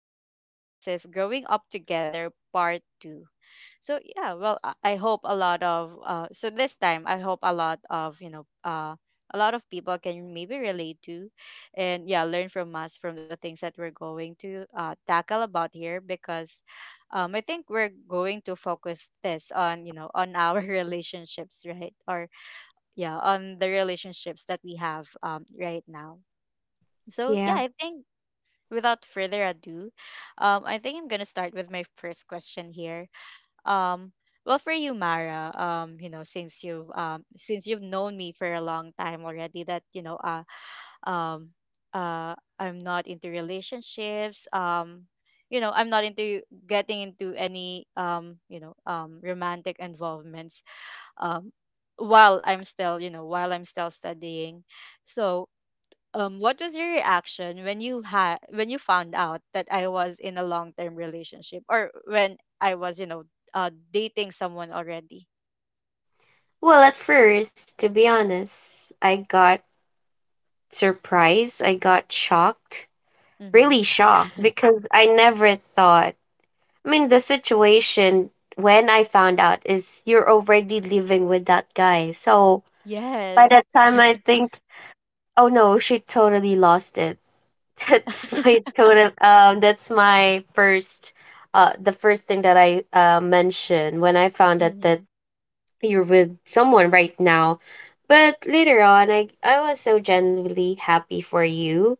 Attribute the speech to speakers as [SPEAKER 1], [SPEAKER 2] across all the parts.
[SPEAKER 1] episode. So, this is Growing Up Together Part 2. So yeah, well, I hope a lot of so this time I hope a lot of a lot of people can maybe relate to, and yeah, learn from us from the things that we're going to tackle about here because, I think we're going to focus this on on our relationships, right? Or yeah, on the relationships that we have right now. So yeah, I
[SPEAKER 2] Yeah.
[SPEAKER 1] think without further ado, I think I'm gonna start with my first question here um, well, for you, Mara, you know, since you've known me for a long time already, that um, I'm not into relationships. You know, I'm not into getting into any you know, romantic involvements. Um, while I'm still, you know, while I'm still studying, so what was your reaction when you had when you found out that I was in a long term relationship, or when I was, you know, dating someone already?
[SPEAKER 2] Well, at first, to be honest, I got surprised. I got shocked.
[SPEAKER 1] Mm-hmm.
[SPEAKER 2] Really shocked because I never thought. I mean, the situation when I found out is you're already living with that guy. So by that
[SPEAKER 1] Yes.
[SPEAKER 2] time, I think, oh no, she totally lost it. That's my total. That's my first. The first thing that I mentioned when I found out that
[SPEAKER 1] Mm-hmm.
[SPEAKER 2] you're with someone right now. But later on, I was so genuinely happy for you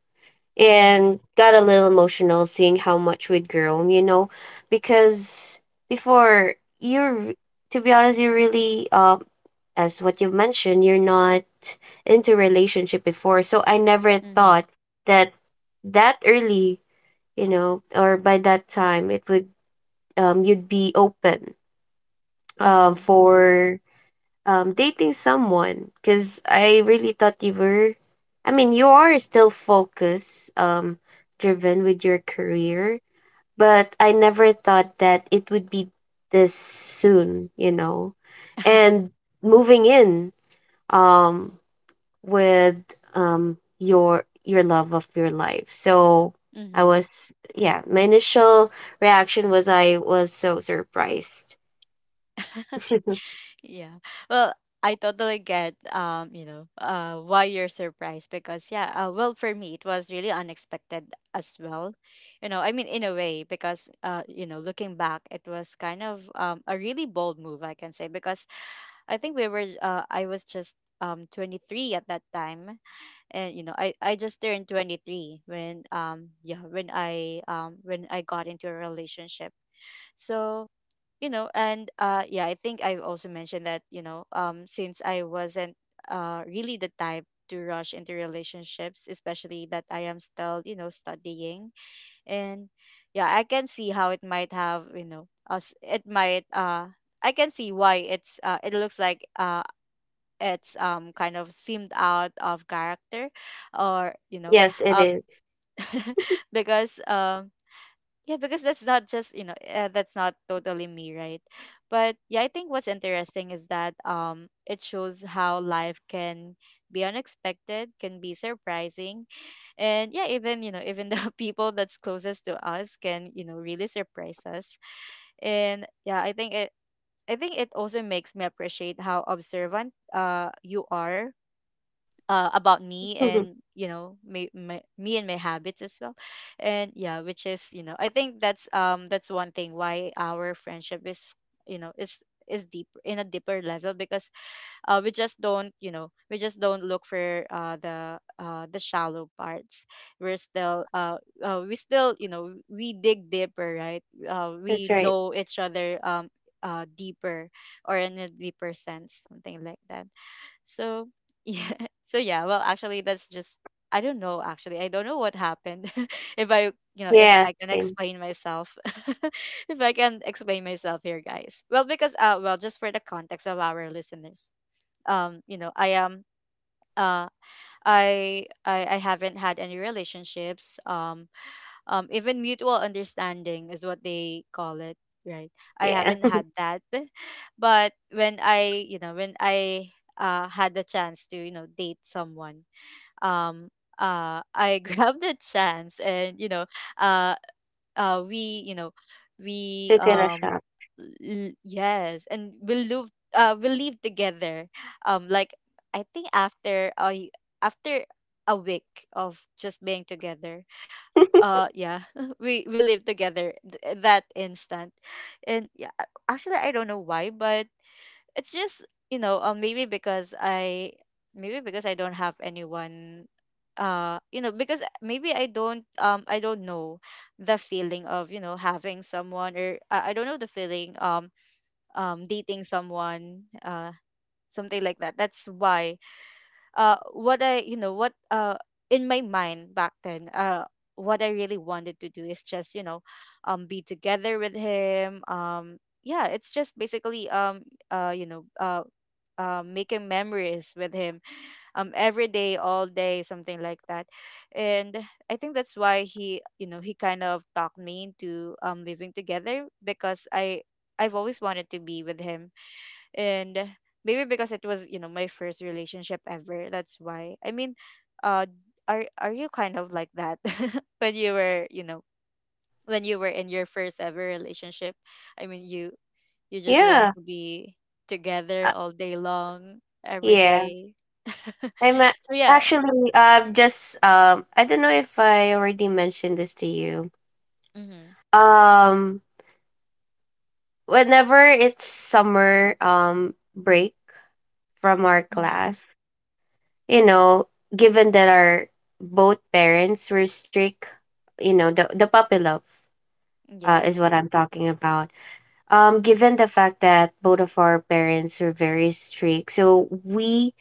[SPEAKER 1] Mm-hmm.
[SPEAKER 2] and got a little emotional seeing how much we'd grown, you know, because before you're, to be honest, you really, as what you mentioned, you're not into relationship before. So I never
[SPEAKER 1] Mm-hmm.
[SPEAKER 2] thought that that early, you know, or by that time, it would, you'd be open
[SPEAKER 1] Mm-hmm.
[SPEAKER 2] for dating someone because I really thought you were. I mean, you are still focused, driven with your career, but I never thought that it would be this soon, you know, and moving in um with your love of your life. So I
[SPEAKER 1] Mm-hmm.
[SPEAKER 2] was, yeah, my initial reaction was I was so surprised.
[SPEAKER 1] Yeah. Well, I totally get you know, why you're surprised because yeah, well for me it was really unexpected as well. You know, I mean in a way because you know, looking back it was kind of a really bold move I can say because I think we were I was just 23 at that time, and you know I just turned 23 when yeah when I got into a relationship. So you know and yeah, I think I've also mentioned that you know since I wasn't really the type to rush into relationships, especially that I am still, you know, studying. And yeah, I can see how it might have you know us it might I can see why it's it looks like it's kind of seemed out of character or
[SPEAKER 2] Yes, it
[SPEAKER 1] um
[SPEAKER 2] is.
[SPEAKER 1] because yeah, because that's not just, you know, that's not totally me, right? But yeah, I think what's interesting is that it shows how life can be unexpected, can be surprising. And yeah, even, you know, even the people that's closest to us can, you know, really surprise us. And yeah, I think it also makes me appreciate how observant you are about me
[SPEAKER 2] Mhm.
[SPEAKER 1] and you know me and my habits as well. And yeah, which is you know I think that's one thing why our friendship is you know is deep in a deeper level because we just don't you know we just don't look for the shallow parts. We're still we still you know we dig deeper, right?
[SPEAKER 2] That's
[SPEAKER 1] We
[SPEAKER 2] right.
[SPEAKER 1] know each other deeper, or in a deeper sense, something like that. So yeah, so yeah well actually that's just, I don't know, actually I don't know what happened. if i if
[SPEAKER 2] Yeah,
[SPEAKER 1] I can
[SPEAKER 2] same.
[SPEAKER 1] explain myself, if I can explain myself here guys, well because well just for the context of our listeners, you know I am uh I haven't had any relationships. Even mutual understanding is what they call it, right? I
[SPEAKER 2] Yeah.
[SPEAKER 1] haven't had that. But when I, you know, when I had the chance to, you know, date someone, um, I grabbed the chance, and you know, uh, we you know we
[SPEAKER 2] Took it a shot.
[SPEAKER 1] l- yes, and we'll live together like I think after after a week of just being together, yeah, we live together th- that instant. And yeah, actually I don't know why, but it's just you know maybe because I don't have anyone, you know, because maybe I don't know the feeling of you know having someone, or I don't know the feeling dating someone something like that. That's why what I you know what in my mind back then, what I really wanted to do is just you know be together with him. Yeah, it's just basically uh you know uh making memories with him, every day all day, something like that. And I think that's why he you know he kind of talked me into living together, because I've always wanted to be with him. And maybe because it was, you know, my first relationship ever, that's why I mean, uh are you kind of like that when you were you know when you were in your first ever relationship? I mean, you just want
[SPEAKER 2] Yeah.
[SPEAKER 1] to be together
[SPEAKER 2] Uh,
[SPEAKER 1] all day long every
[SPEAKER 2] yeah.
[SPEAKER 1] day.
[SPEAKER 2] I'm a-
[SPEAKER 1] So yeah.
[SPEAKER 2] actually just I don't know if I already mentioned this to you.
[SPEAKER 1] Mm-hmm.
[SPEAKER 2] Um Whenever it's summer break from our
[SPEAKER 1] Mm-hmm.
[SPEAKER 2] class, you know, given that our both parents were strict, you know, the puppy love
[SPEAKER 1] Yes.
[SPEAKER 2] is what I'm talking about. Given the fact that both of our parents were very strict, so we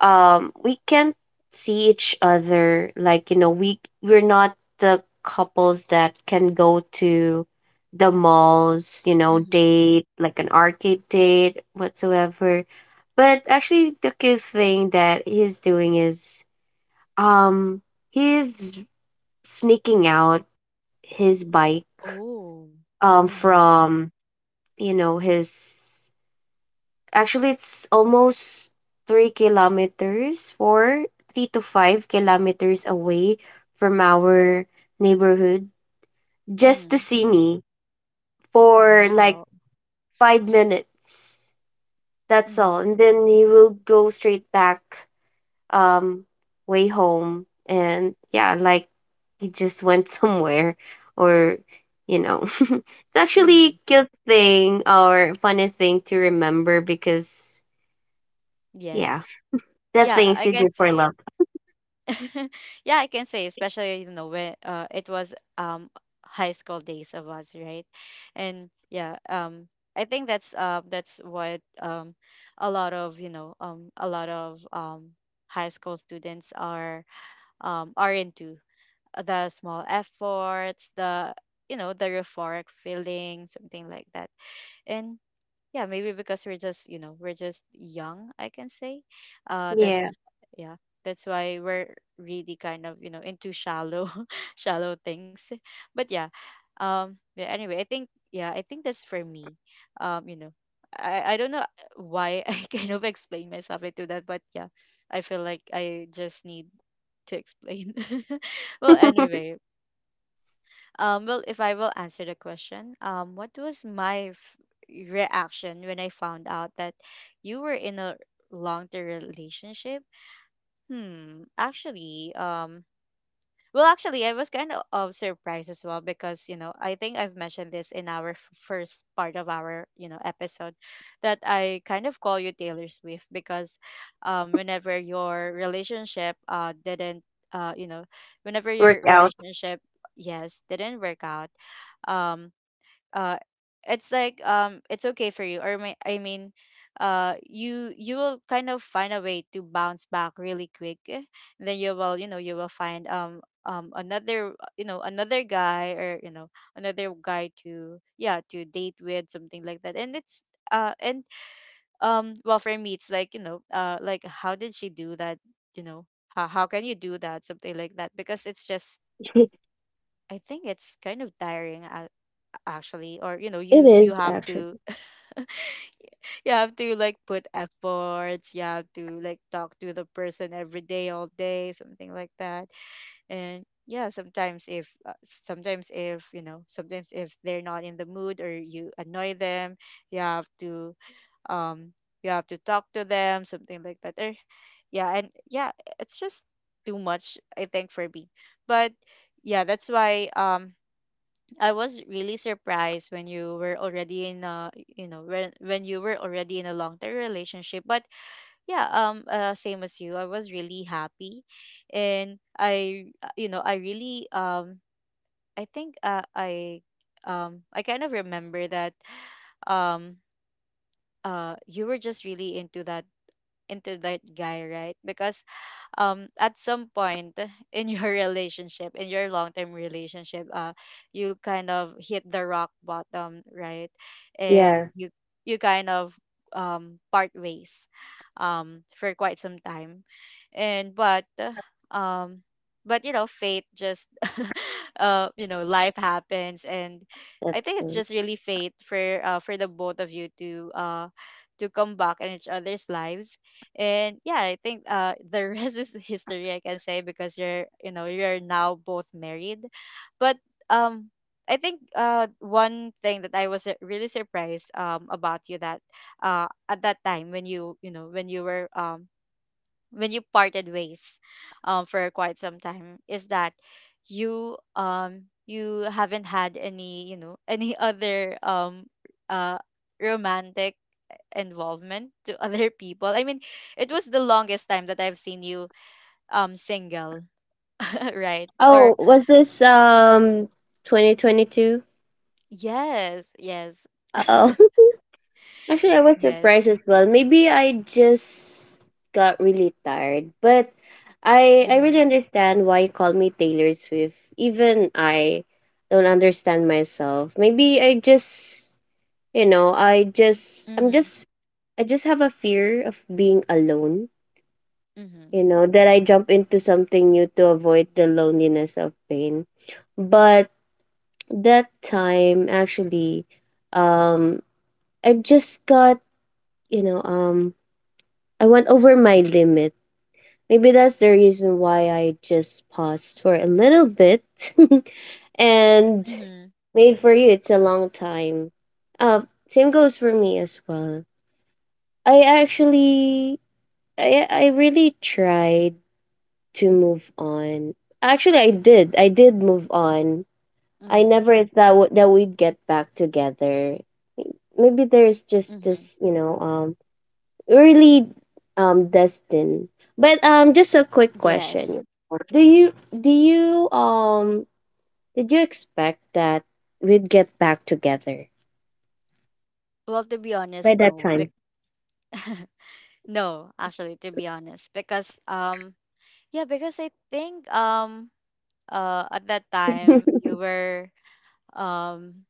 [SPEAKER 2] um we can't see each other. Like, you know, we're not the couples that can go to the malls, you know,
[SPEAKER 1] Mm-hmm.
[SPEAKER 2] date like an arcade date whatsoever. But actually the cute thing that he's doing is um he's sneaking out his bike
[SPEAKER 1] Oh. Mm-hmm.
[SPEAKER 2] from, you know, his… Actually, it's almost 3 kilometers, four, 3 to 5 kilometers away from our neighborhood just to
[SPEAKER 1] Mm-hmm.
[SPEAKER 2] see me for
[SPEAKER 1] Wow.
[SPEAKER 2] like 5 minutes. That's all.
[SPEAKER 1] Mm-hmm.
[SPEAKER 2] And then he will go straight back um way home. And yeah, like, he just went somewhere, or, you know. It's actually
[SPEAKER 1] Mm-hmm.
[SPEAKER 2] a cute thing or funny thing to remember, because yeah.
[SPEAKER 1] Yes.
[SPEAKER 2] The
[SPEAKER 1] Yeah,
[SPEAKER 2] things
[SPEAKER 1] I
[SPEAKER 2] you
[SPEAKER 1] can
[SPEAKER 2] do for
[SPEAKER 1] say.
[SPEAKER 2] love.
[SPEAKER 1] Yeah, I can say, especially you know when it was high school days of us, right? And yeah, I think that's what a lot of you know a lot of high school students are into: the small efforts, the you know the euphoric feeling, something like that. Yeah, maybe because we're just you know we're just young, I can say.
[SPEAKER 2] Yeah.
[SPEAKER 1] That's yeah that's why we're really kind of you know into shallow shallow things. But yeah, yeah, anyway I think yeah I think that's for me you know, I don't know why I kind of explain myself into that, but yeah, I feel like I just need to explain. Well anyway, well, if I will answer the question, what was my f- reaction when I found out that you were in a long-term relationship? Hmm, actually, well, actually, I was kind of surprised as well because, you know, I think I've mentioned this in our f- first part of our, you know, episode, that I kind of call you Taylor Swift because whenever your relationship didn't you know, whenever your
[SPEAKER 2] Workout.
[SPEAKER 1] relationship, yes, didn't work out, um uh it's like it's okay for you, or may, I mean you you will kind of find a way to bounce back really quick eh. And then you will, you know, you will find another you know, another guy, or you know another guy to yeah to date with, something like that. And it's and well for me it's like you know like how did she do that, you know, how can you do that, something like that, because it's just I think it's kind of tiring actually. Or you know,
[SPEAKER 2] It
[SPEAKER 1] you
[SPEAKER 2] is
[SPEAKER 1] have to
[SPEAKER 2] actually.
[SPEAKER 1] you have to like put efforts, you have to like talk to the person every day all day, something like that. And yeah, sometimes if you know sometimes if they're not in the mood or you annoy them, you have to um you have to talk to them, something like that, or yeah. And yeah, it's just too much I think for me, but yeah that's why I was really surprised when you were already in a you know when you were already in a long term relationship. But yeah, same as you, I was really happy, and I you know I really I think I kind of remember that um you were just really into that, into that guy, right? Because at some point in your relationship, in your long-term relationship, you kind of hit the rock bottom, right?
[SPEAKER 2] Yeah,
[SPEAKER 1] And you kind of part ways for quite some time. And um but you know fate just you know life happens, and I
[SPEAKER 2] that's.
[SPEAKER 1] think it's just really fate for the both of you to come back in each other's lives. And yeah, I think the rest is history, I can say, because you're you know you're now both married. But um I think one thing that I was really surprised about you that at that time when when you were when you parted ways for quite some time is that you haven't had any any other uh romantic involvement to other people. I mean, it was the longest time that I've seen you single, right?
[SPEAKER 2] Oh,
[SPEAKER 1] Or
[SPEAKER 2] was this 2022?
[SPEAKER 1] yes, yes,
[SPEAKER 2] Oh. Actually, I was
[SPEAKER 1] yes.
[SPEAKER 2] surprised as well. Maybe I just got really tired, but I
[SPEAKER 1] Mm-hmm.
[SPEAKER 2] really understand why you call me Taylor Swift. Even I don't understand myself. Maybe I just, you know, I just I'm
[SPEAKER 1] Mm-hmm.
[SPEAKER 2] just I just have a fear of being alone.
[SPEAKER 1] Mm-hmm.
[SPEAKER 2] You know that I jump into something new to avoid the loneliness of pain, but that time actually, um, I just got, you know, I went over my limit. Maybe that's the reason why I just paused for a little bit. And
[SPEAKER 1] Mm-hmm.
[SPEAKER 2] made for you, it's a long time. Uh, same goes for me as well. I actually, I really tried to move on. Actually, I did. I did move on. I
[SPEAKER 1] Mm-hmm.
[SPEAKER 2] never thought that, that we'd get back together. Maybe there's just
[SPEAKER 1] Mm-hmm.
[SPEAKER 2] this, you know, really destined. But just a quick
[SPEAKER 1] Yes.
[SPEAKER 2] question. Do you did you expect that we'd get back together
[SPEAKER 1] Well, to be
[SPEAKER 2] by
[SPEAKER 1] honest,
[SPEAKER 2] that
[SPEAKER 1] no.
[SPEAKER 2] time?
[SPEAKER 1] No, actually, to be honest, because yeah, because I think at that time you were um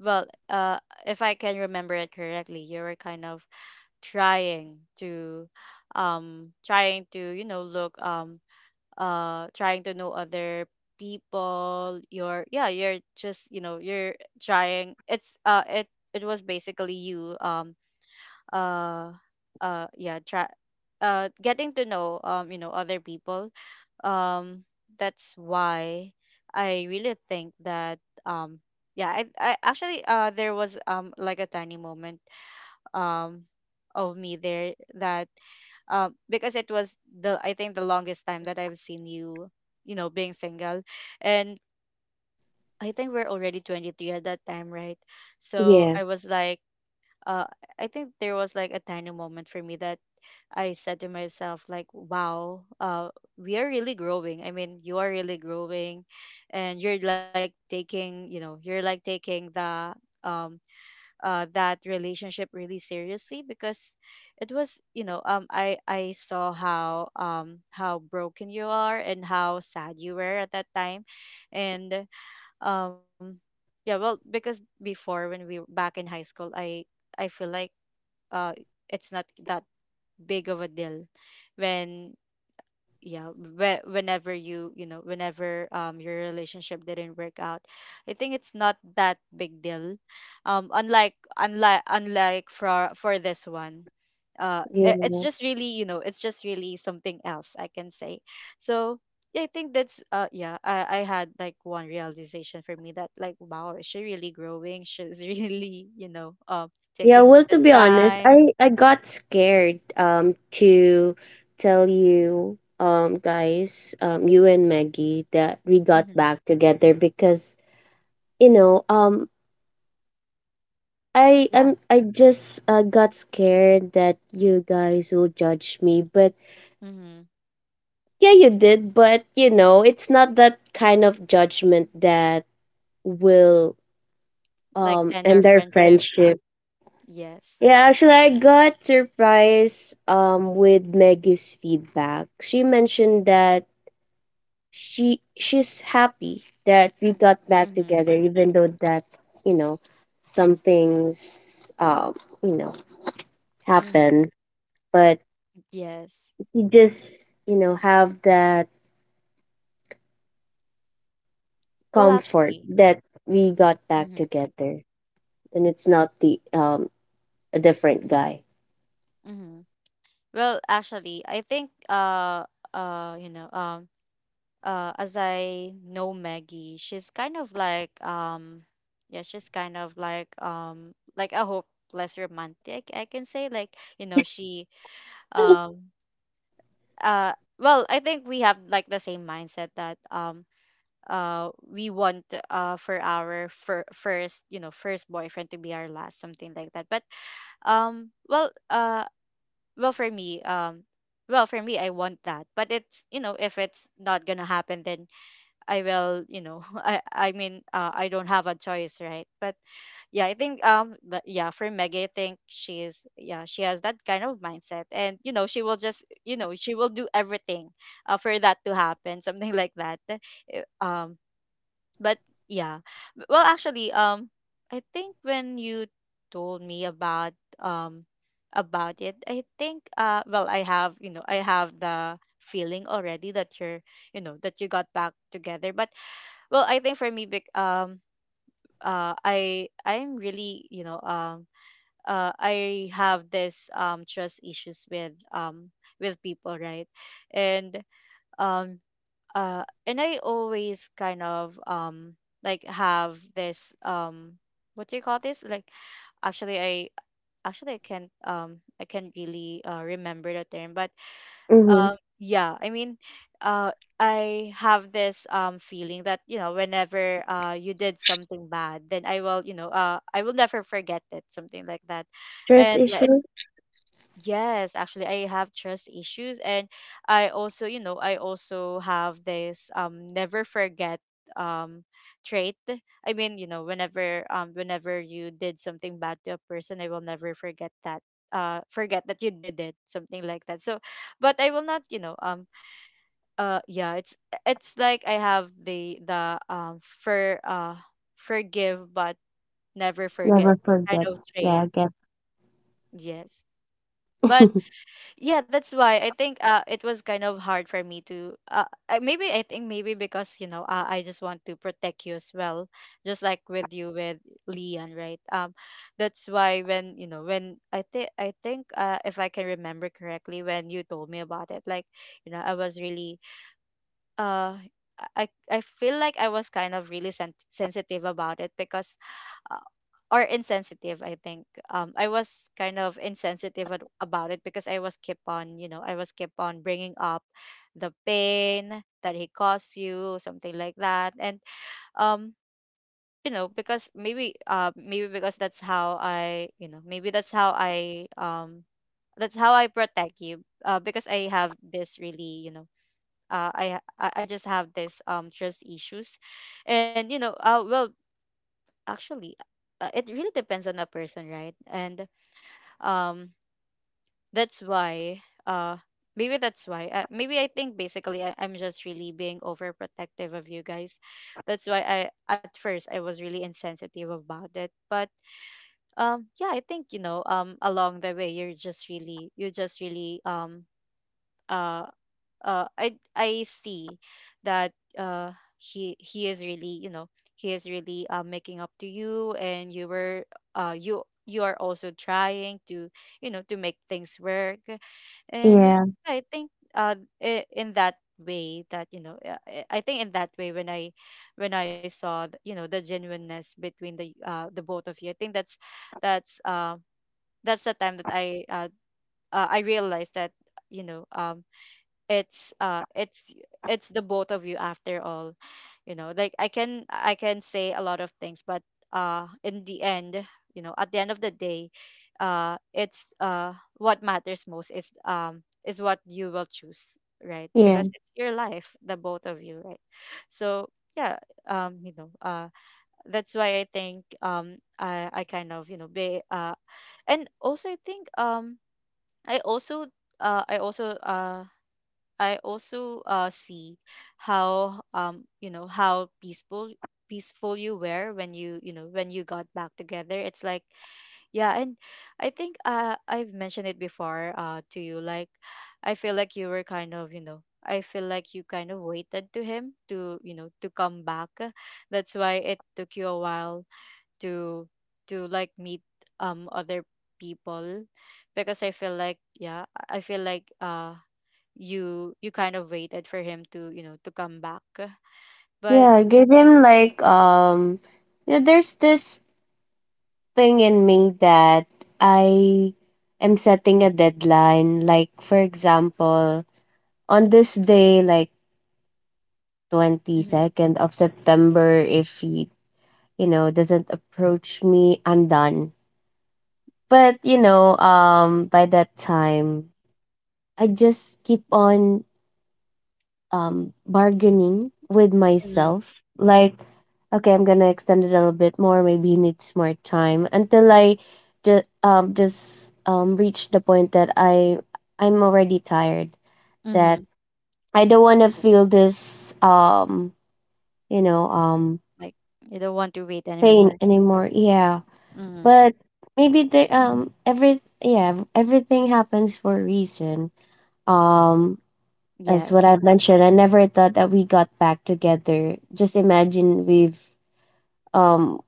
[SPEAKER 1] well, if I can remember it correctly, you were kind of trying to, trying to look trying to know other people. You're yeah, you're just you're trying. It was basically you uh yeah try getting to know other people, um that's why I really think that um yeah i, I actually there was like a tiny moment um of me there that, because it was the, I think, the longest time that I've seen you you know being single. And I think we're already 23 at that time, right? So
[SPEAKER 2] Yeah,
[SPEAKER 1] I was like, uh I think there was like a tiny moment for me that I said to myself, like, wow, we are really growing. I mean, you are really growing and you're like taking, you know, you're like taking the um that relationship really seriously, because it was, you know, I saw how broken you are and how sad you were at that time. And um yeah, well, because before when we were back in high school, I feel like uh it's not that big of a deal when, yeah, whenever whenever your relationship didn't work out, I think it's not that big deal, unlike for this one.
[SPEAKER 2] yeah,
[SPEAKER 1] It, it's just really, you know, it's just really something else, I can say. So yeah, I think that's, yeah, I had like one realization for me that, like, wow, is she really growing? She's really, you know,
[SPEAKER 2] yeah.
[SPEAKER 1] taking
[SPEAKER 2] Well, to
[SPEAKER 1] the
[SPEAKER 2] be honest,
[SPEAKER 1] time.
[SPEAKER 2] I got scared to tell you guys you and Maggie that we got
[SPEAKER 1] Mm-hmm.
[SPEAKER 2] back together, because, you know, I
[SPEAKER 1] Yeah.
[SPEAKER 2] am, I just got scared that you guys will judge me, but
[SPEAKER 1] Mm-hmm.
[SPEAKER 2] yeah, you did. But, you know, it's not that kind of judgment that will
[SPEAKER 1] Like end our
[SPEAKER 2] end our
[SPEAKER 1] friendship.
[SPEAKER 2] friendship.
[SPEAKER 1] Yes.
[SPEAKER 2] Yeah, actually, I got surprised with Maggie's feedback. She mentioned that she's happy that we got back
[SPEAKER 1] Mhm.
[SPEAKER 2] together, even though that, you know, some things, you know,
[SPEAKER 1] Mhm.
[SPEAKER 2] happen, but
[SPEAKER 1] Yes.
[SPEAKER 2] you just, you know, have that
[SPEAKER 1] Well,
[SPEAKER 2] comfort
[SPEAKER 1] actually.
[SPEAKER 2] that we got back
[SPEAKER 1] Mhm.
[SPEAKER 2] together, and it's not the a different guy.
[SPEAKER 1] Mhm. Well, actually, I think you know as I know Maggie, she's kind of like, yeah, she's kind of like a hopeless romantic, I can say, like, you know, she um well, I think we have like the same mindset that we want for our first, you know, first boyfriend to be our last, something like that. But well, well for me, well for me I want that, but it's, you know, if it's not gonna happen, then I will, you know, I mean, I don't have a choice, right? But yeah, I think yeah, for Maggie, I think she's, yeah, she has that kind of mindset, and you know she will just, you know, she will do everything for that to happen something like that. Eh, but yeah. Well, actually, I think when you told me about, um about it, I think, well, I have, you know, I have the feeling already that you're, you know, that you got back together. But well, I think for me big I'm really, you know, I have this trust issues with, with people, right? And um and I always kind of, like, have this, what do you call this, like, actually i actually I can't, I can't really, remember the term. But
[SPEAKER 2] Mm-hmm.
[SPEAKER 1] yeah, I mean, uh I have this feeling that, you know, whenever you did something bad, then I will, you know, I will never forget it, something like that.
[SPEAKER 2] Trust
[SPEAKER 1] And yeah, it—
[SPEAKER 2] issue.
[SPEAKER 1] yes, actually, I have trust issues, and I also, you know, I also have this never forget um trait. I mean, you know, whenever whenever you did something bad to a person, I will never forget that. Forget that you did it, something like that. So, but I will not, you know, yeah, it's like I have the forgive but never forget
[SPEAKER 2] Never
[SPEAKER 1] kind
[SPEAKER 2] forget.
[SPEAKER 1] of
[SPEAKER 2] Yeah,
[SPEAKER 1] trait.
[SPEAKER 2] I get.
[SPEAKER 1] Yes, but yeah, that's why I think it was kind of hard for me to maybe I think maybe because, you know, I just want to protect you as well, just like with you with Leon, right? That's why when, you know, when I think if I can remember correctly, when you told me about it, like, you know, I was really, uh I feel like I was kind of really sensitive about it because, or insensitive, I think, I was kind of insensitive about it because I was keep on, you know, I was keep on bringing up the pain that he caused you, something like that. And um you know, because maybe, maybe because that's how I, you know, maybe that's how I, that's how I protect you, because I have this really, you know, I ha- I just have this trust issues. And you know, well, actually, it really depends on a person, right? And um that's why, maybe that's why, maybe I think basically I'm just really being overprotective of you guys. That's why I at first I was really insensitive about it. But yeah, I think, you know, along the way, you're just really, you just really, uh I see that, uh, he is really, you know, he is really, making up to you, and you were, you, you are also trying to, you know, to make things work, and
[SPEAKER 2] yeah
[SPEAKER 1] I think uh in that way that, you know, I think in that way when I, when I saw you know, the genuineness between the both of you, I think that's, that's uh that's the time that I, I realized that, you know, it's it's the both of you after all, you know, like, I can say a lot of things, but in the end, you know, at the end of the day, it's what matters most is, is what you will choose, right?
[SPEAKER 2] yeah
[SPEAKER 1] Because it's your life, the both of you, right? So yeah, you know, that's why I think, um I kind of, you know, be and also I think, i also uh i also uh I also, see how, you know, how peaceful, peaceful you were when you know, when you got back together. It's like, yeah, and I think I've mentioned it before to you. Like, I feel like you were kind of, you know, I feel like you kind of waited to him to, you know, to come back. That's why it took you a while to to like meet other people, because I feel like, yeah, I feel like, you, you kind of waited for him to, you know, to come back. But
[SPEAKER 2] yeah. Give him like, um, yeah, there's this thing in me that I am setting a deadline. Like, for example, on this day, like,
[SPEAKER 1] Mm-hmm.
[SPEAKER 2] 22nd of September, if you, you know, doesn't approach me, I'm done. But, you know, by that time, I just keep on bargaining with
[SPEAKER 1] Mm-hmm.
[SPEAKER 2] myself. Like, okay, I'm gonna extend it a little bit more. Maybe he needs more time until I just reach the point that I'm already tired. That
[SPEAKER 1] Mm-hmm.
[SPEAKER 2] I don't want to feel this you know
[SPEAKER 1] Like you don't want to wait
[SPEAKER 2] pain
[SPEAKER 1] anymore.
[SPEAKER 2] anymore. Yeah,
[SPEAKER 1] Mm-hmm.
[SPEAKER 2] but maybe they every, yeah, everything happens for a reason. um as what
[SPEAKER 1] Yes.
[SPEAKER 2] I've mentioned, I never thought that we got back together. Just imagine, um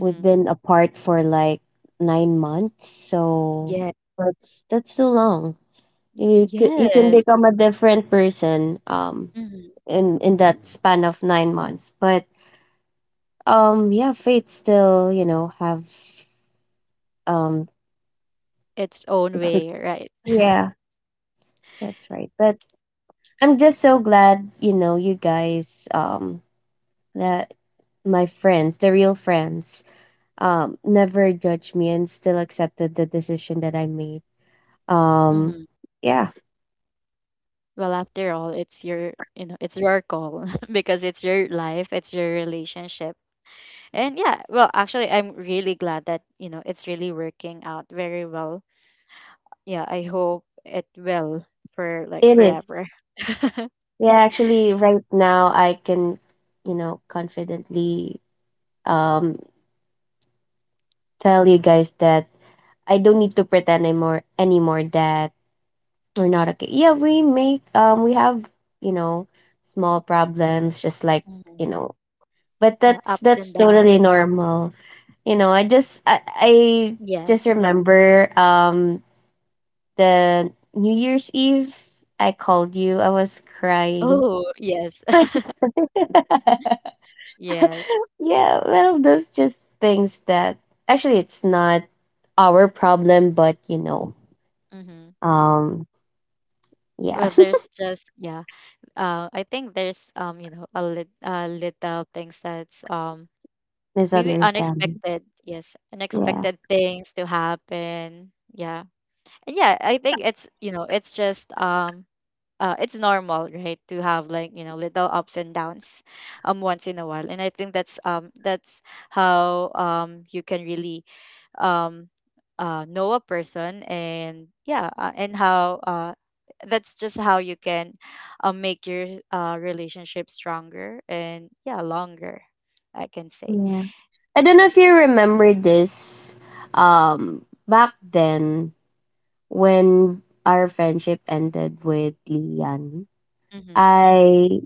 [SPEAKER 2] we've been apart for like 9 months, so
[SPEAKER 1] Yeah.
[SPEAKER 2] that's too long.
[SPEAKER 1] Y-
[SPEAKER 2] You could, you can
[SPEAKER 1] Yes.
[SPEAKER 2] become a different person
[SPEAKER 1] Mm-hmm.
[SPEAKER 2] in that span of 9 months. But yeah, fate still, you know, have, um
[SPEAKER 1] Its own
[SPEAKER 2] it's like,
[SPEAKER 1] way, right?
[SPEAKER 2] yeah, that's right. But I'm just so glad, you know, you guys, that my friends, the real friends, never judged me and still accepted the decision that I made. Um,
[SPEAKER 1] Mm-hmm.
[SPEAKER 2] yeah,
[SPEAKER 1] Well, after all, it's your, you know, it's your call because it's your life, it's your relationship, and yeah. Well, actually, I'm really glad that, you know, it's really working out very well. Yeah, I hope it will for like
[SPEAKER 2] it is.
[SPEAKER 1] forever.
[SPEAKER 2] Yeah, actually, right now I can, you know, confidently, um, tell you guys that I don't need to pretend anymore, anymore, that we're not okay. Yeah, we make, we have, you know, small problems, just like, you
[SPEAKER 1] Mhm.
[SPEAKER 2] know, but
[SPEAKER 1] Yeah, ups
[SPEAKER 2] that's
[SPEAKER 1] and
[SPEAKER 2] totally
[SPEAKER 1] downs.
[SPEAKER 2] normal, you know. I just
[SPEAKER 1] Yes.
[SPEAKER 2] remember the New Year's Eve I called you, I was crying.
[SPEAKER 1] Oh, yes. Yes.
[SPEAKER 2] Yeah, well those just things that actually it's not our problem, but, you know,
[SPEAKER 1] Mm-hmm.
[SPEAKER 2] um yeah.
[SPEAKER 1] Well, there's just yeah. I think there's, you know, a little things that's maybe
[SPEAKER 2] Misunderstanding.
[SPEAKER 1] unexpected. Yes,
[SPEAKER 2] Yeah,
[SPEAKER 1] unexpected things to happen. Yeah. And yeah, I think it's, you know, it's just it's normal, right, to have like, you know, little ups and downs once in a while. And I think that's how, you can really, um know a person, and yeah, and how that's just how you can, make your relationship stronger and yeah, longer, I can say.
[SPEAKER 2] yeah. I don't know if you remember this, back then when our friendship ended with Lian,
[SPEAKER 1] Mm-hmm.
[SPEAKER 2] I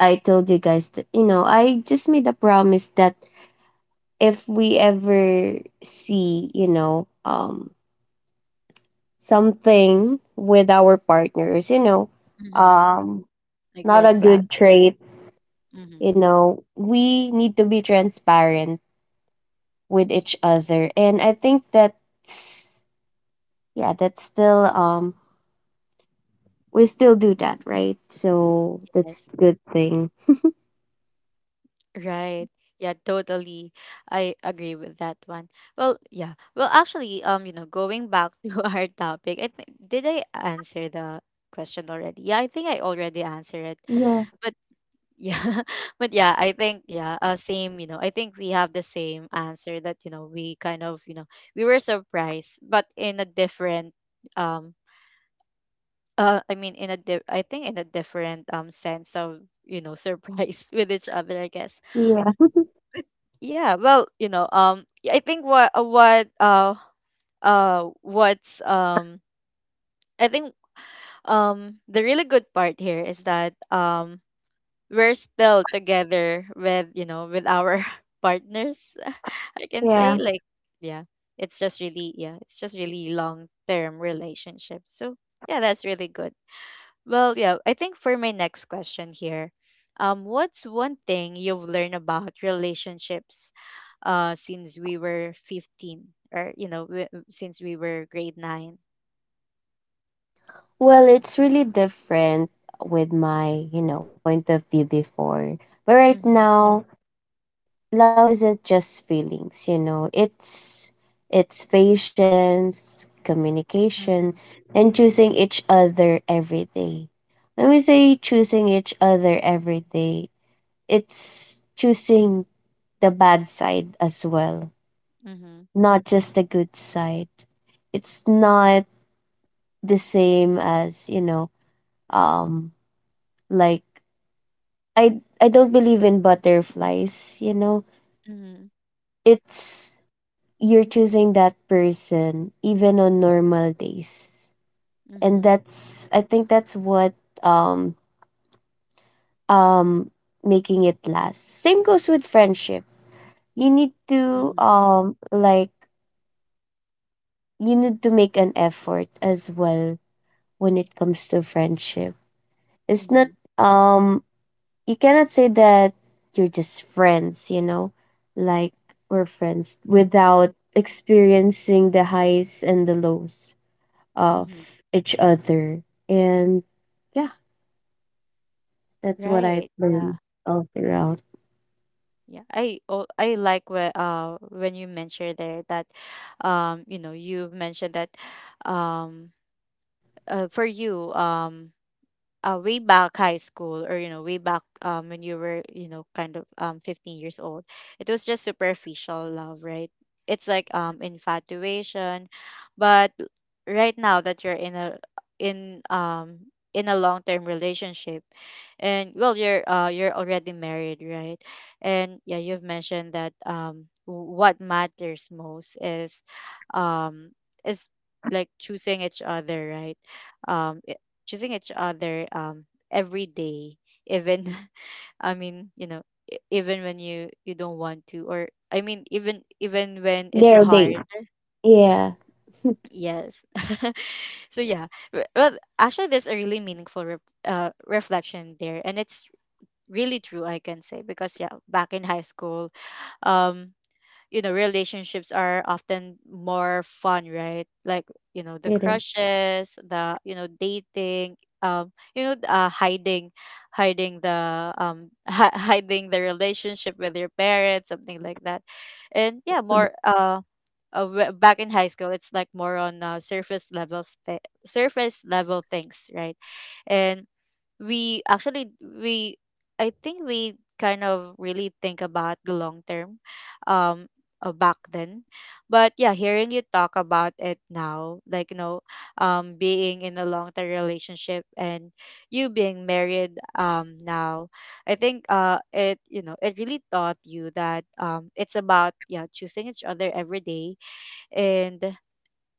[SPEAKER 2] I told you guys that, you know, I just made a promise that if we ever see, you know, something with our partners, you know,
[SPEAKER 1] Mm-hmm.
[SPEAKER 2] um,
[SPEAKER 1] Like
[SPEAKER 2] not
[SPEAKER 1] red
[SPEAKER 2] a good
[SPEAKER 1] flags.
[SPEAKER 2] trait,
[SPEAKER 1] Mm-hmm.
[SPEAKER 2] you know, we need to be transparent with each other, and I think that's, yeah, that's still we still do that, right? So that's
[SPEAKER 1] Yes.
[SPEAKER 2] good thing.
[SPEAKER 1] Right. Yeah, totally. I agree with that one. Well, yeah. Well, actually, you know, going back to our topic, I think did I answer the question already? Yeah, I think I already answered it.
[SPEAKER 2] Yeah,
[SPEAKER 1] But yeah, but yeah, I think yeah, same, you know. I think we have the same answer that, you know, we kind of, you know, we were surprised, but in a different um I think in a different sense of, you know, surprise with each other, I guess.
[SPEAKER 2] yeah,
[SPEAKER 1] Yeah, well, you know, yeah, I think what what's I think the really good part here is that we're still together with, you know, with our partners, I can say,
[SPEAKER 2] yeah.
[SPEAKER 1] like yeah, it's just really it's just really long term relationship, so yeah, that's really good. Well, yeah, I think for my next question here, what's one thing you've learned about relationships since we were 15, or, you know, since we were grade 9?
[SPEAKER 2] Well, it's really different with my, you know, point of view before. But right
[SPEAKER 1] Mm-hmm,
[SPEAKER 2] now, love isn't just feelings, you know. It's patience, communication,
[SPEAKER 1] mm-hmm,
[SPEAKER 2] and choosing each other every day. When we say choosing each other every day, it's choosing the bad side as well,
[SPEAKER 1] mm-hmm,
[SPEAKER 2] not just the good side. It's not the same as, you know, um like, I don't believe in butterflies, you know.
[SPEAKER 1] mm-hmm,
[SPEAKER 2] It's you're choosing that person even on normal days. And
[SPEAKER 1] mm-hmm,
[SPEAKER 2] that's, I think that's what, um um making it last. Same goes with friendship. You need to,
[SPEAKER 1] mm-hmm,
[SPEAKER 2] um, like, you need to make an effort as well. When it comes to friendship, it's not,
[SPEAKER 1] mm-hmm,
[SPEAKER 2] um you cannot say that you're just friends, you know, like, we're friends without experiencing the highs and the lows
[SPEAKER 1] mm-hmm.
[SPEAKER 2] of each other. And that's what I
[SPEAKER 1] Right. Yeah.
[SPEAKER 2] learned all throughout.
[SPEAKER 1] Yeah. I oh, I like when you mentioned there that you know, you've mentioned that um for you, way back high school, or, you know, way back when you were, you know, kind of 15 years old, it was just superficial love, right? It's like infatuation, but l- right now that you're in a, in a long-term relationship, and well, you're already married, right? And yeah, you've mentioned that what matters most um is like choosing each other, right? um Choosing each other every day, even, you know, even when you don't want to, or I mean, even when it's
[SPEAKER 2] Their day.
[SPEAKER 1] hard.
[SPEAKER 2] Yeah,
[SPEAKER 1] Yes. So yeah, well, actually, there's a really meaningful reflection there, and it's really true, I can say, because yeah, back in high school, um you know, relationships are often more fun, right? Like, you know, the
[SPEAKER 2] it is.
[SPEAKER 1] crushes, the, you know, dating, you know, hiding, hiding the, hi hiding the relationship with your parents, something like that. And yeah,
[SPEAKER 2] Mm.
[SPEAKER 1] back in high school it's like more on surface level things, right? And we actually we I think we kind of really think about the long term, um back then. But yeah, hearing you talk about it now, like, you know, being in a long term relationship, and you being married now, I think it, you know, it really taught you that it's about yeah, choosing each other every day. And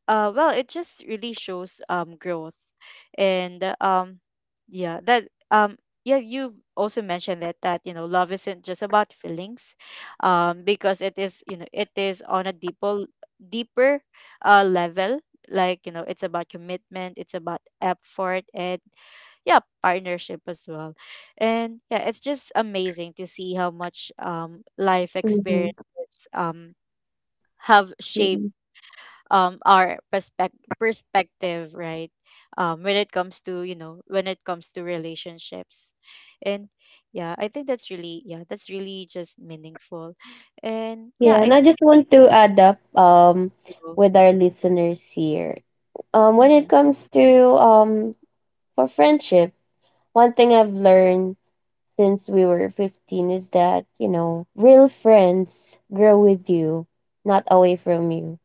[SPEAKER 1] well, it just really shows growth. And yeah, that yeah, you also mentioned that, that, you know, love isn't just about feelings, because it is, you know, it is on a deeper, deeper level. Like, you know, it's about commitment, it's about effort, and yeah, partnership as well. And yeah, it's just amazing to see how much life
[SPEAKER 2] Mhm,
[SPEAKER 1] experiences have shaped
[SPEAKER 2] mhm.
[SPEAKER 1] um our perspec- perspective, right? When it comes to, you know, when it comes to relationships. And yeah, I think that's really just meaningful. And yeah,
[SPEAKER 2] Yeah,
[SPEAKER 1] I
[SPEAKER 2] and I
[SPEAKER 1] think
[SPEAKER 2] just want to add up
[SPEAKER 1] too.
[SPEAKER 2] with our listeners here. When
[SPEAKER 1] Mm-hmm.
[SPEAKER 2] it comes to, um for friendship, one thing I've learned since we were 15 is that, you know, real friends grow with you, not away from you.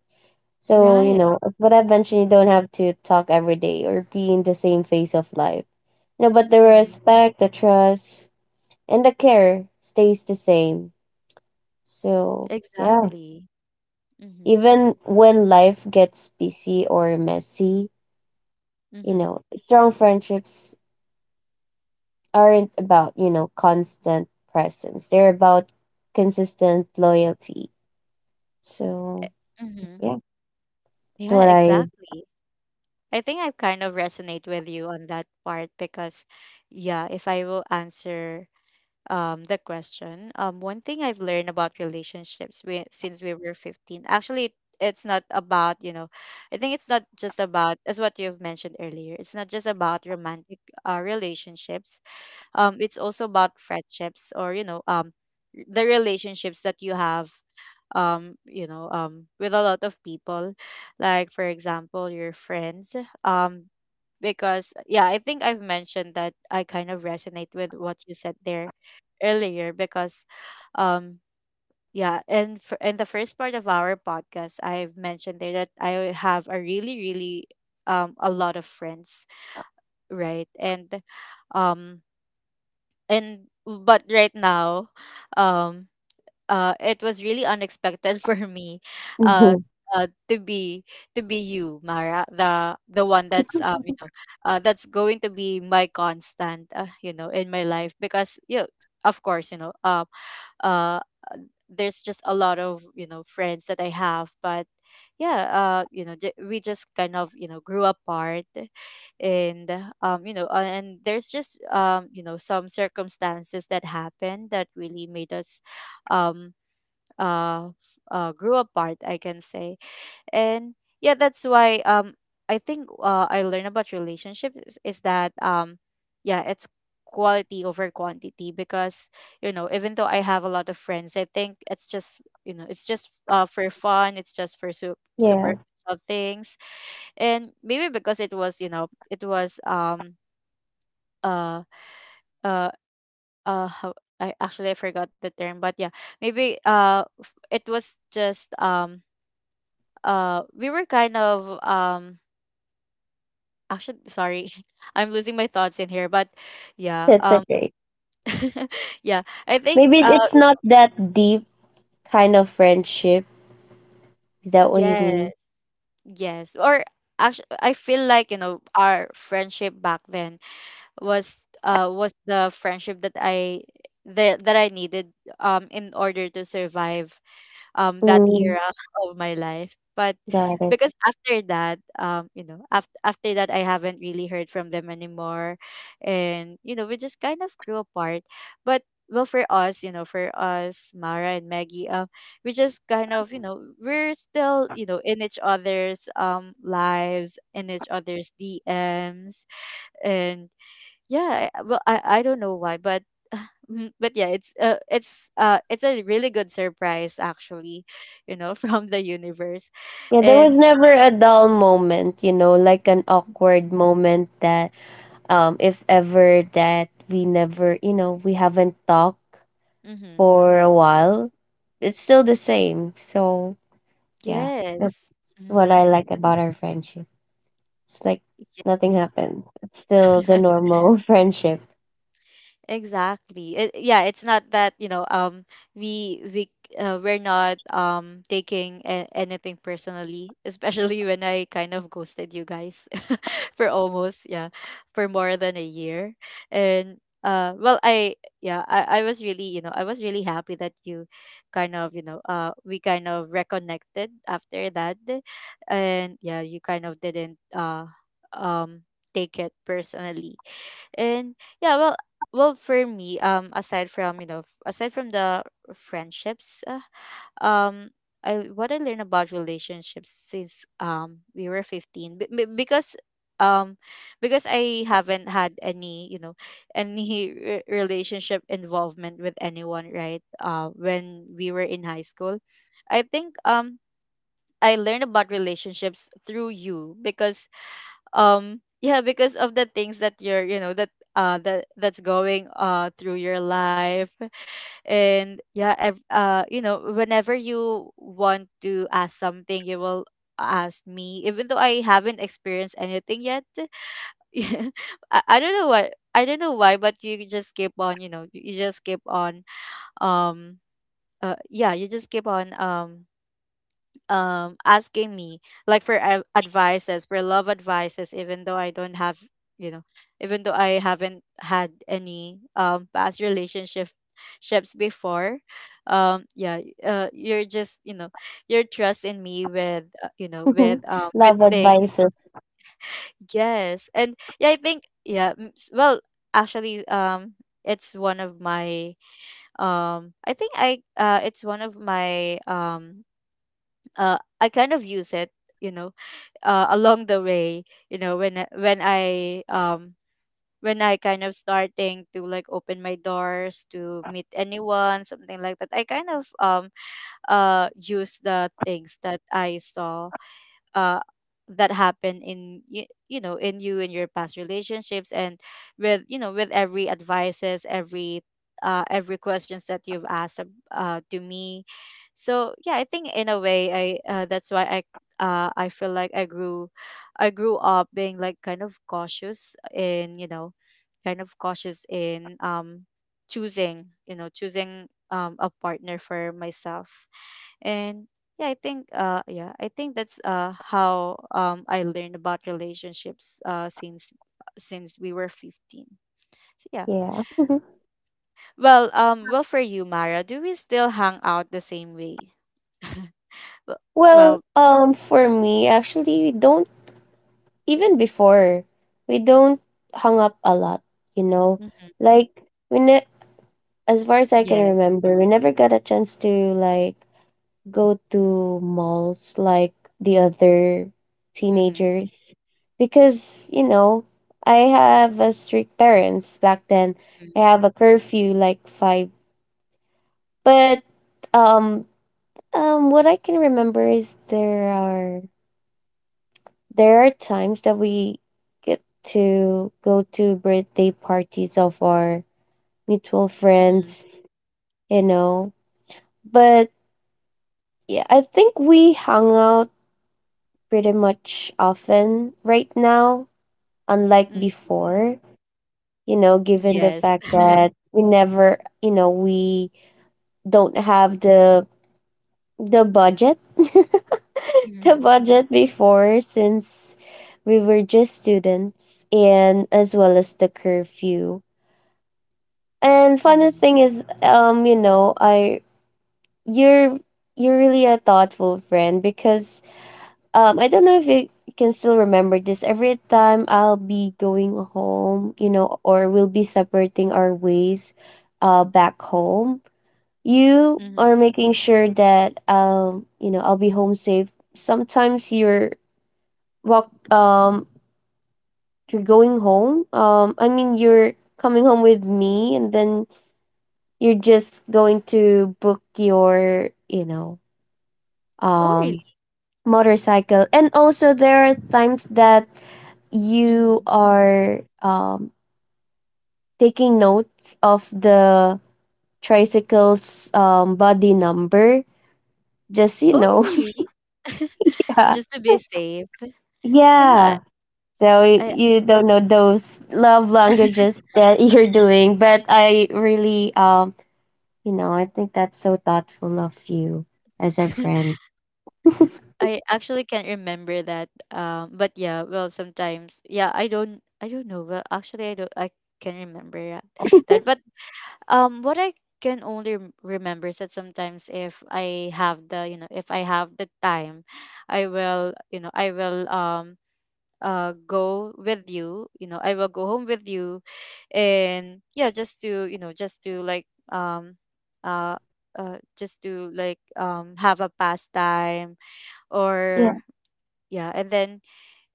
[SPEAKER 2] So, you
[SPEAKER 1] Right.
[SPEAKER 2] know, as what I've mentioned, you don't have to talk every day or be in the same phase of life. You know, but the
[SPEAKER 1] Mm-hmm.
[SPEAKER 2] respect, the trust, and the care stays the same. So, yeah.
[SPEAKER 1] Exactly. Mm-hmm.
[SPEAKER 2] Even when life gets busy or messy, you
[SPEAKER 1] Mm-hmm.
[SPEAKER 2] know, strong friendships aren't about, you know, constant presence. They're about consistent loyalty.
[SPEAKER 1] Eh,
[SPEAKER 2] So,
[SPEAKER 1] mm-hmm.
[SPEAKER 2] yeah, that's
[SPEAKER 1] Yeah,
[SPEAKER 2] what I…
[SPEAKER 1] exactly. I think I kind of resonate with you on that part because, yeah, if I will answer the question, one thing I've learned about relationships since we were 15, actually it's not about, you know, I think it's not just about, as what you've mentioned earlier, it's not just about romantic relationships. It's also about friendships, or, you know, the relationships that you have, you know, with a lot of people, like for example your friends. um because yeah, I think I've mentioned that I kind of resonate with what you said there earlier because, um yeah. And in the first part of our podcast, I've mentioned there that I have a really, really a lot of friends, right? And um and but right now, um it was really unexpected for me. uh uh, to be to be you, Mara, the one that's, you know, that's going to be my constant, you know, in my life. Because, you know, of course, you know, uh, uh there's just a lot of, you know, friends that I have, but yeah, you know, we just kind of, you know, grew apart. And, you know, and there's just, you know, some circumstances that happened that really made us, um uh, grew apart, I can say. And yeah, that's why, I think I learned about relationships is that, yeah, it's quality over quantity. Because, you know, even though I have a lot of friends, I think it's just, you know, it's just for fun, it's just for
[SPEAKER 2] Yeah,
[SPEAKER 1] superficial things. And maybe because it was, you know, it was, uh uh uh how, I actually, I forgot the term, but yeah, maybe it was just, we were kind of, actually, sorry, I'm losing my thoughts in here, but yeah,
[SPEAKER 2] that's okay.
[SPEAKER 1] yeah, I think
[SPEAKER 2] Maybe it's not that deep kind of friendship. Is that what you
[SPEAKER 1] yes.
[SPEAKER 2] mean?
[SPEAKER 1] Yes, or actually I feel like, you know, our friendship back then was the friendship that I that that I needed, in order to survive, that
[SPEAKER 2] Mm,
[SPEAKER 1] era of my life. But,
[SPEAKER 2] got it.
[SPEAKER 1] because after that, you know, after that, I haven't really heard from them anymore. And, you know, we just kind of grew apart. But, well, for us, you know, for us, Mara and Maggie, we just kind of, you know, we're still, you know, in each other's lives, in each other's DMs, and yeah, well, I don't know why, but mm, but yeah, it's it's a really good surprise actually, you know, from the universe,
[SPEAKER 2] Yeah, there
[SPEAKER 1] and
[SPEAKER 2] was never a dull moment, you know, like an awkward moment that, if ever that we never, you know, we haven't talked
[SPEAKER 1] mm-hmm,
[SPEAKER 2] for a while, it's still the same. So yeah,
[SPEAKER 1] yes,
[SPEAKER 2] that's what
[SPEAKER 1] mm-hmm,
[SPEAKER 2] I like about our friendship. It's like nothing
[SPEAKER 1] yes.
[SPEAKER 2] happened, it's still the normal friendship.
[SPEAKER 1] Exactly. It, yeah, it's not that, you know, we we we're not taking anything personally, especially when I kind of ghosted you guys for almost, yeah, for more than a year. And well, I yeah, I was really, you know, I was really happy that you kind of, you know, we kind of reconnected after that. And yeah, you kind of didn't um take it personally. And yeah, well, well for me, aside from, you know, aside from the friendships, um I, what I learned about relationships since we were 15, because, um because I haven't had any, you know, any relationship involvement with anyone, right? When we were in high school, I think, I learned about relationships through you, because, yeah, because of the things that you're, you know, that that that's going through your life. And yeah, you know, whenever you want to ask something, you will ask me even though I haven't experienced anything yet. Yeah, I don't know why, but you just keep on, you know, you just keep on, um yeah, you just keep on, asking me, like for advices, for love advices, even though I don't have, you know, even though I haven't had any past relationship ships before. Yeah, you're just, you know, your trust in me with, you know, with,
[SPEAKER 2] Love
[SPEAKER 1] with things.
[SPEAKER 2] advices.
[SPEAKER 1] Yes, and yeah, I think, well, actually, it's one of my, I think I it's one of my, I kind of use it, you know, along the way, you know, when I, um when I kind of starting to like open my doors to meet anyone, something like that, I kind of, use the things that I saw uh that happen in you, you know, in you, in your past relationships. And with, you know, with every advices, every questions that you've asked, to me. So yeah, I think in a way I, that's why I feel like I grew up being like kind of cautious in, you know, kind of cautious in, choosing, you know, choosing a partner for myself. And yeah, I think that's how I learned about relationships since we were 15. So yeah.
[SPEAKER 2] Yeah.
[SPEAKER 1] Well, um, well for you, Mara, do we still hang out the same way? Well,
[SPEAKER 2] Well,
[SPEAKER 1] well
[SPEAKER 2] for me actually, we don't. Even before, we don't hung up a lot, you know.
[SPEAKER 1] mhm,
[SPEAKER 2] Like, we ne- as far as I can
[SPEAKER 1] yes.
[SPEAKER 2] remember, we never got a chance to, like, go to malls like the other
[SPEAKER 1] Mhm.
[SPEAKER 2] teenagers, because, you know, I have a strict parents back then.
[SPEAKER 1] Mhm,
[SPEAKER 2] I have a curfew like five, but um what I can remember is there are times that we get to go to birthday parties of our mutual
[SPEAKER 1] mhm,
[SPEAKER 2] friends, you know. But yeah, I think we hung out pretty much often right now, unlike
[SPEAKER 1] mm,
[SPEAKER 2] before, given the
[SPEAKER 1] yes.
[SPEAKER 2] fact that we never, you know, we don't have the budget, the
[SPEAKER 1] Mhm.
[SPEAKER 2] budget before since we were just students and as well as the curfew. And funny
[SPEAKER 1] Mhm.
[SPEAKER 2] thing is, I you're you're really a thoughtful friend because I don't know if you can still remember this. Every time I'll be going home, or we'll be separating our ways back home, you
[SPEAKER 1] Mhm.
[SPEAKER 2] are making sure that I'll be home safe. Sometimes you're walk you're going home. I mean you're coming home with me, and then you're just going to book your,
[SPEAKER 1] Oh
[SPEAKER 2] um
[SPEAKER 1] really?
[SPEAKER 2] motorcycle. And also there are times that you
[SPEAKER 1] Mhm.
[SPEAKER 2] are taking notes of the tricycle's body number. Just you
[SPEAKER 1] Oh
[SPEAKER 2] know,
[SPEAKER 1] really?
[SPEAKER 2] yeah,
[SPEAKER 1] Just to be safe.
[SPEAKER 2] yeah.
[SPEAKER 1] Yeah,
[SPEAKER 2] So
[SPEAKER 1] I
[SPEAKER 2] you don't know those love languages that you're doing, but I really, you know, I think that's so thoughtful of you as a friend.
[SPEAKER 1] I actually can't remember that. But yeah, well, sometimes, yeah, I don't know. Well, actually, I don't, I can remember that. That, but what I can only remember is that sometimes if I have the, you know, if I have the time, I will, you know, I will go with you. You know, I will go home with you, and yeah, just to, uh just to like have a pastime
[SPEAKER 2] Yeah,
[SPEAKER 1] or yeah, and then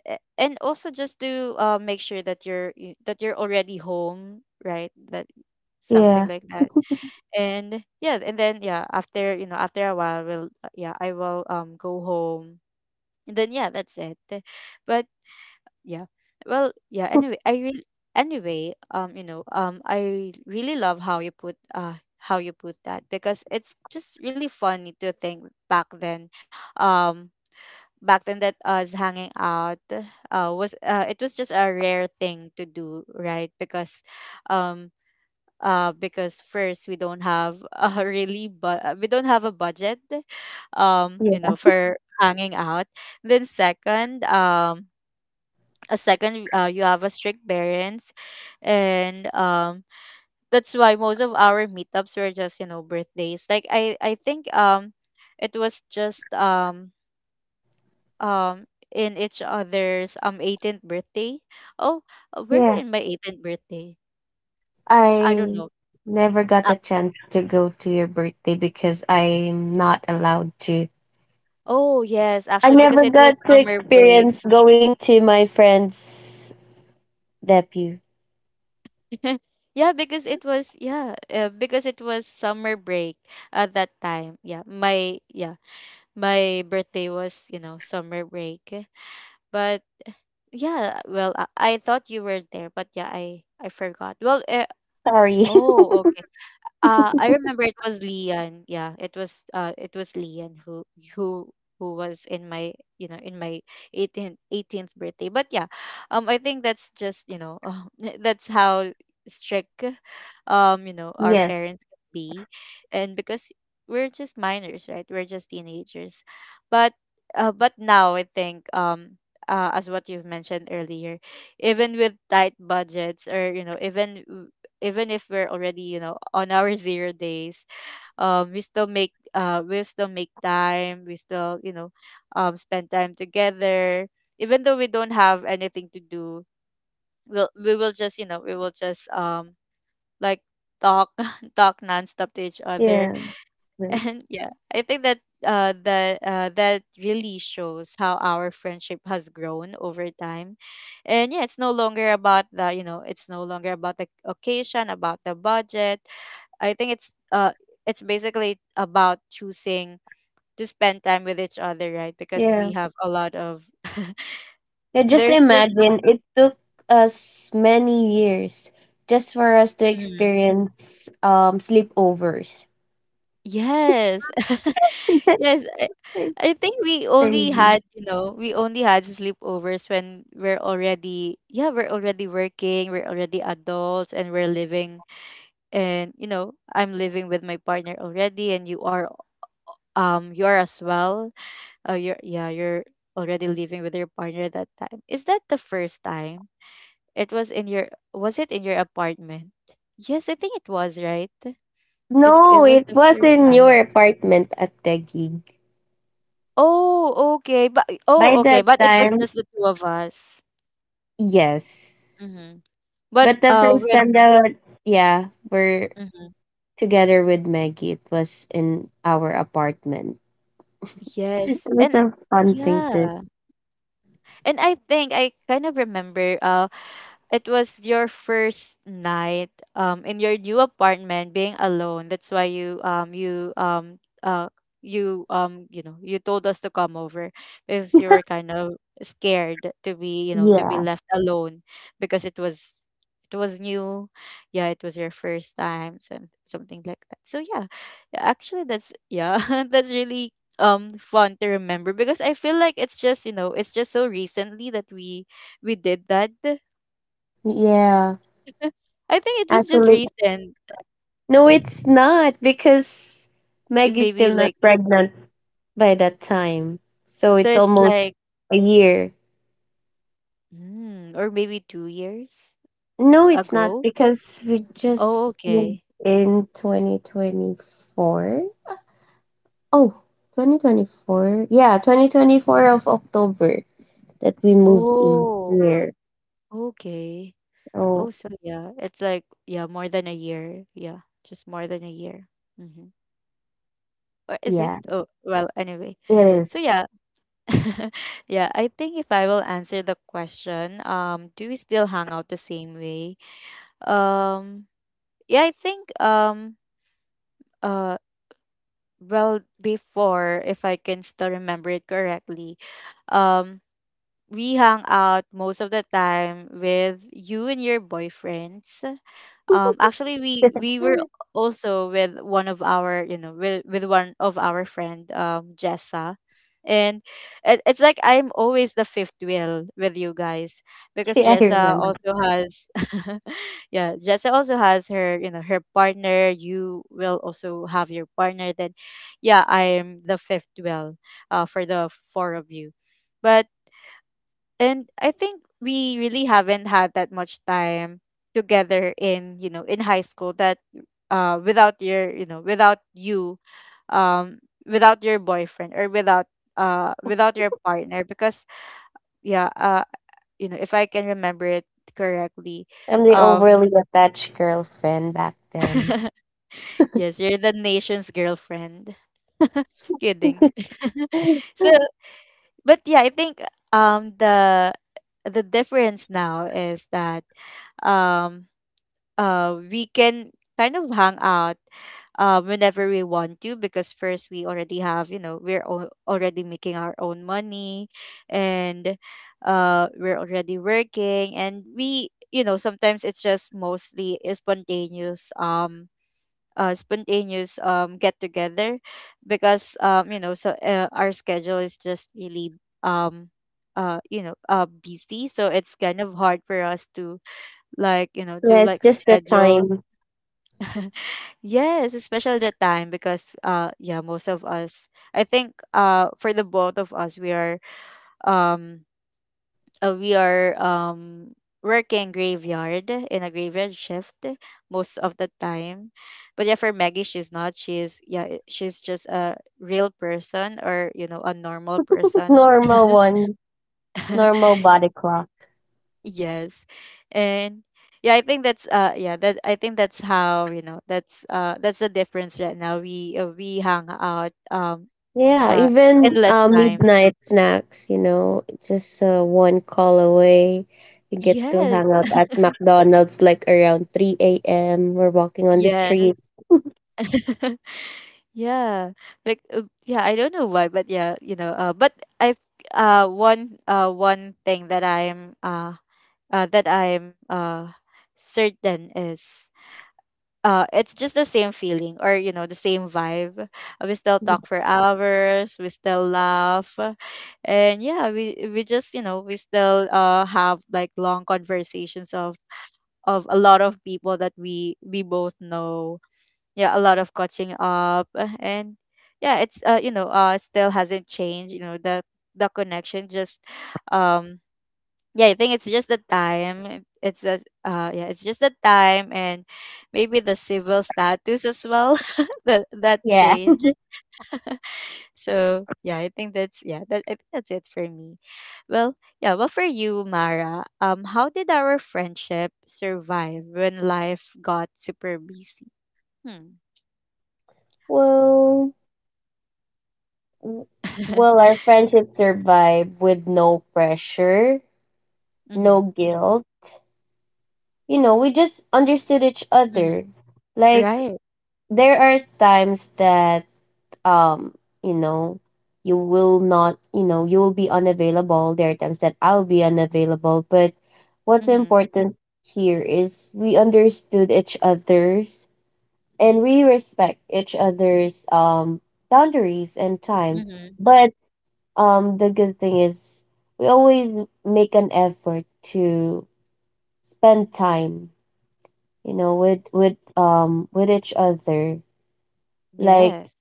[SPEAKER 1] and also just to make sure that that you're already home, right? that Something
[SPEAKER 2] yeah,
[SPEAKER 1] like that. And yeah, and then yeah, after after a while we'll yeah, I will go home and then yeah, that's it. But yeah, well yeah, anyway I will, anyway I really love how you put that, because it's just really funny to think back then. um Back then, that us hanging out was it was just a rare thing to do, right? Um because first, we don't have a really, but we don't have a budget, you
[SPEAKER 2] yeah,
[SPEAKER 1] know, for hanging out. Then second, a second, you have a strict parents. And That's why most of our meetups were just, you know, birthdays. Like I think it was just um in each other's 18th birthday. Oh, were you
[SPEAKER 2] yeah.
[SPEAKER 1] in my 18th birthday? I don't
[SPEAKER 2] I
[SPEAKER 1] know.
[SPEAKER 2] never got
[SPEAKER 1] Ah,
[SPEAKER 2] the chance to go to your birthday because I'm not allowed to.
[SPEAKER 1] oh yes,
[SPEAKER 2] I
[SPEAKER 1] actually because
[SPEAKER 2] never
[SPEAKER 1] it was
[SPEAKER 2] got to
[SPEAKER 1] summer break.
[SPEAKER 2] experience going to my friend's debut.
[SPEAKER 1] Yeah, because it was yeah, because it was summer break at that time. Yeah, my yeah, my birthday was, you know, summer break. But yeah, well, I thought you were there, but yeah, I forgot. Well,
[SPEAKER 2] Sorry.
[SPEAKER 1] oh, I remember it was Lian. Yeah, it was Lian who who was in my, you know, in my 18th birthday. But yeah, I think that's just, you know, that's how strict you know, our
[SPEAKER 2] Yes.
[SPEAKER 1] parents can be. And because we're just minors, right? We're just teenagers. But but now I think as what you've mentioned earlier, even with tight budgets, or you know, even even if we're already, you know, on our zero days, we still make time, we still, you know, spend time together even though we don't have anything to do. We will just, you know, we will just like talk talk nonstop to each other.
[SPEAKER 2] Yeah, well,
[SPEAKER 1] And yeah, I think that that really shows how our friendship has grown over time. And yeah, it's no longer about the, you know, it's no longer about the occasion, about the budget. I think it's basically about choosing to spend time with each other, right? Because we
[SPEAKER 2] yeah.
[SPEAKER 1] have a lot of
[SPEAKER 2] Yeah. Just
[SPEAKER 1] there's just.
[SPEAKER 2] imagine it took us many years just for us to
[SPEAKER 1] Mm.
[SPEAKER 2] experience sleepovers.
[SPEAKER 1] Yes. Yes,
[SPEAKER 2] Crazy.
[SPEAKER 1] I think we only had, you know, we only had sleepovers when we're already, yeah, we're already working, we're already adults, and we're living, and you know, I'm living with my partner already, and you are, you are as well. Oh, you're yeah, you're already living with your partner that time. Is that the first time? It was in your, was it in your apartment? Yes, I think it was, right? It
[SPEAKER 2] No,
[SPEAKER 1] was
[SPEAKER 2] it
[SPEAKER 1] the
[SPEAKER 2] was
[SPEAKER 1] first
[SPEAKER 2] in your
[SPEAKER 1] time.
[SPEAKER 2] apartment at the gig.
[SPEAKER 1] Oh, okay. But
[SPEAKER 2] By
[SPEAKER 1] oh, okay.
[SPEAKER 2] that
[SPEAKER 1] But it was
[SPEAKER 2] time,
[SPEAKER 1] just the two of us.
[SPEAKER 2] yes.
[SPEAKER 1] Mm-hmm. But
[SPEAKER 2] But the first
[SPEAKER 1] with
[SPEAKER 2] time that yeah, we're
[SPEAKER 1] mm-hmm.
[SPEAKER 2] together with Maggie, it was in our apartment. It
[SPEAKER 1] Yes,
[SPEAKER 2] was
[SPEAKER 1] and
[SPEAKER 2] a fun thing to.
[SPEAKER 1] yeah. And I think I kind of remember it was your first night in your new apartment being alone. That's why you you you know, you told us to come over because you were kind of scared to be, you know, to be
[SPEAKER 2] Yeah.
[SPEAKER 1] left alone because it was, it was new. Yeah, it was your first time and something like that, so yeah. Yeah, actually that's yeah that's really fun to remember, because I feel like it's just, you know, it's just so recently that we did that.
[SPEAKER 2] Yeah.
[SPEAKER 1] I think it was just
[SPEAKER 2] Actually,
[SPEAKER 1] recent,
[SPEAKER 2] no it's not because Maggie's
[SPEAKER 1] maybe
[SPEAKER 2] still
[SPEAKER 1] like,
[SPEAKER 2] not pregnant by that time. So
[SPEAKER 1] so
[SPEAKER 2] it's
[SPEAKER 1] it's
[SPEAKER 2] almost
[SPEAKER 1] like,
[SPEAKER 2] a year.
[SPEAKER 1] mm, or maybe 2 years
[SPEAKER 2] No, it's not
[SPEAKER 1] ago.
[SPEAKER 2] because we
[SPEAKER 1] Oh
[SPEAKER 2] just moved
[SPEAKER 1] okay.
[SPEAKER 2] in 2024. Oh, 2024. Yeah, 2024 of October, that we moved in
[SPEAKER 1] Oh
[SPEAKER 2] here.
[SPEAKER 1] okay.
[SPEAKER 2] Oh,
[SPEAKER 1] Oh so yeah, it's like yeah, more than a year. Yeah, just more than a year. Mm-hmm. Or is it?
[SPEAKER 2] yeah,
[SPEAKER 1] Oh well, anyway.
[SPEAKER 2] it
[SPEAKER 1] So
[SPEAKER 2] is.
[SPEAKER 1] yeah, yeah, I think if I will answer the question, do we still hang out the same way? Um, yeah, I think uh, well, before, if I can still remember it correctly, um, we hang out most of the time with you and your boyfriends. Actually, we were also with one of our, you know, with one of our friend, Jessa, and it's like I'm always the fifth wheel with you guys because
[SPEAKER 2] Yeah, I
[SPEAKER 1] Jessa
[SPEAKER 2] remember.
[SPEAKER 1] also has, yeah, Jessa also has her, you know, her partner. You will also have your partner. Then yeah, I am the fifth wheel, for the four of you, but, and I think we really haven't had that much time together in, you know, in high school, that without your, you know, without you um without your boyfriend, or without without your partner, because yeah, you know, if I can remember it correctly,
[SPEAKER 2] I'm the
[SPEAKER 1] um
[SPEAKER 2] overly attached girlfriend back then.
[SPEAKER 1] yes, you're the nation's girlfriend. Kidding.
[SPEAKER 2] Yeah,
[SPEAKER 1] So, but yeah, I think um the the difference now is that um we can kind of hang out whenever we want to, because first, we already have, you know, already making our own money, and we're already working, and we, you know, sometimes it's just mostly a spontaneous spontaneous get together, because you know, so our schedule is just really um, you know, busy, so it's kind of hard for us to, like, you know, to
[SPEAKER 2] it's
[SPEAKER 1] like,
[SPEAKER 2] just the
[SPEAKER 1] schedule.
[SPEAKER 2] time.
[SPEAKER 1] Yes, especially the time, because yeah, most of us, I think, for the both of us, we are um uh, we are um working graveyard in a graveyard shift most of the time. But yeah, for Maggie, she's not, she's yeah, she's just a real person, or you know, a normal person.
[SPEAKER 2] Normal one. Normal body clock.
[SPEAKER 1] Yes. And yeah, I think that's yeah that I think that's how, you know, that's the difference right now. We hang out um,
[SPEAKER 2] Yeah,
[SPEAKER 1] uh
[SPEAKER 2] even
[SPEAKER 1] endless time.
[SPEAKER 2] midnight snacks, you know, just one call away. You get to
[SPEAKER 1] Yes.
[SPEAKER 2] hang out at McDonald's like around 3 a.m. We're walking on the
[SPEAKER 1] Yes.
[SPEAKER 2] streets.
[SPEAKER 1] Yeah, like yeah, I don't know why, but yeah, you know, but I've one thing that I'm certain is it's just the same feeling, or you know, the same vibe. We still talk for hours, we still laugh, and yeah, we just, you know, we still have like long conversations of a lot of people that we both know. Yeah, a lot of catching up, and yeah, it's you know, still hasn't changed, you know, the connection just um yeah, I think it's just the time. It's a yeah, it's just the time, and maybe the civil status as well. That, that
[SPEAKER 2] Yeah.
[SPEAKER 1] change. So yeah, I think that's yeah, that I think that's it for me. Well yeah, well for you, Mara, how did our friendship survive when life got super busy? Hmm.
[SPEAKER 2] Well, w- will our friendship survive with no pressure, no guilt? You know, we just understood each
[SPEAKER 1] Mm-hmm.
[SPEAKER 2] other. Like
[SPEAKER 1] Right.
[SPEAKER 2] there are times that um, you know, you will not, you will be unavailable. There are times that I'll be unavailable, but what's
[SPEAKER 1] Mhm.
[SPEAKER 2] important here is we understood each other's and we respect each other's boundaries and time.
[SPEAKER 1] Mhm.
[SPEAKER 2] But the good thing is we always make an effort to spend time, you know, with each other. Like
[SPEAKER 1] Yes.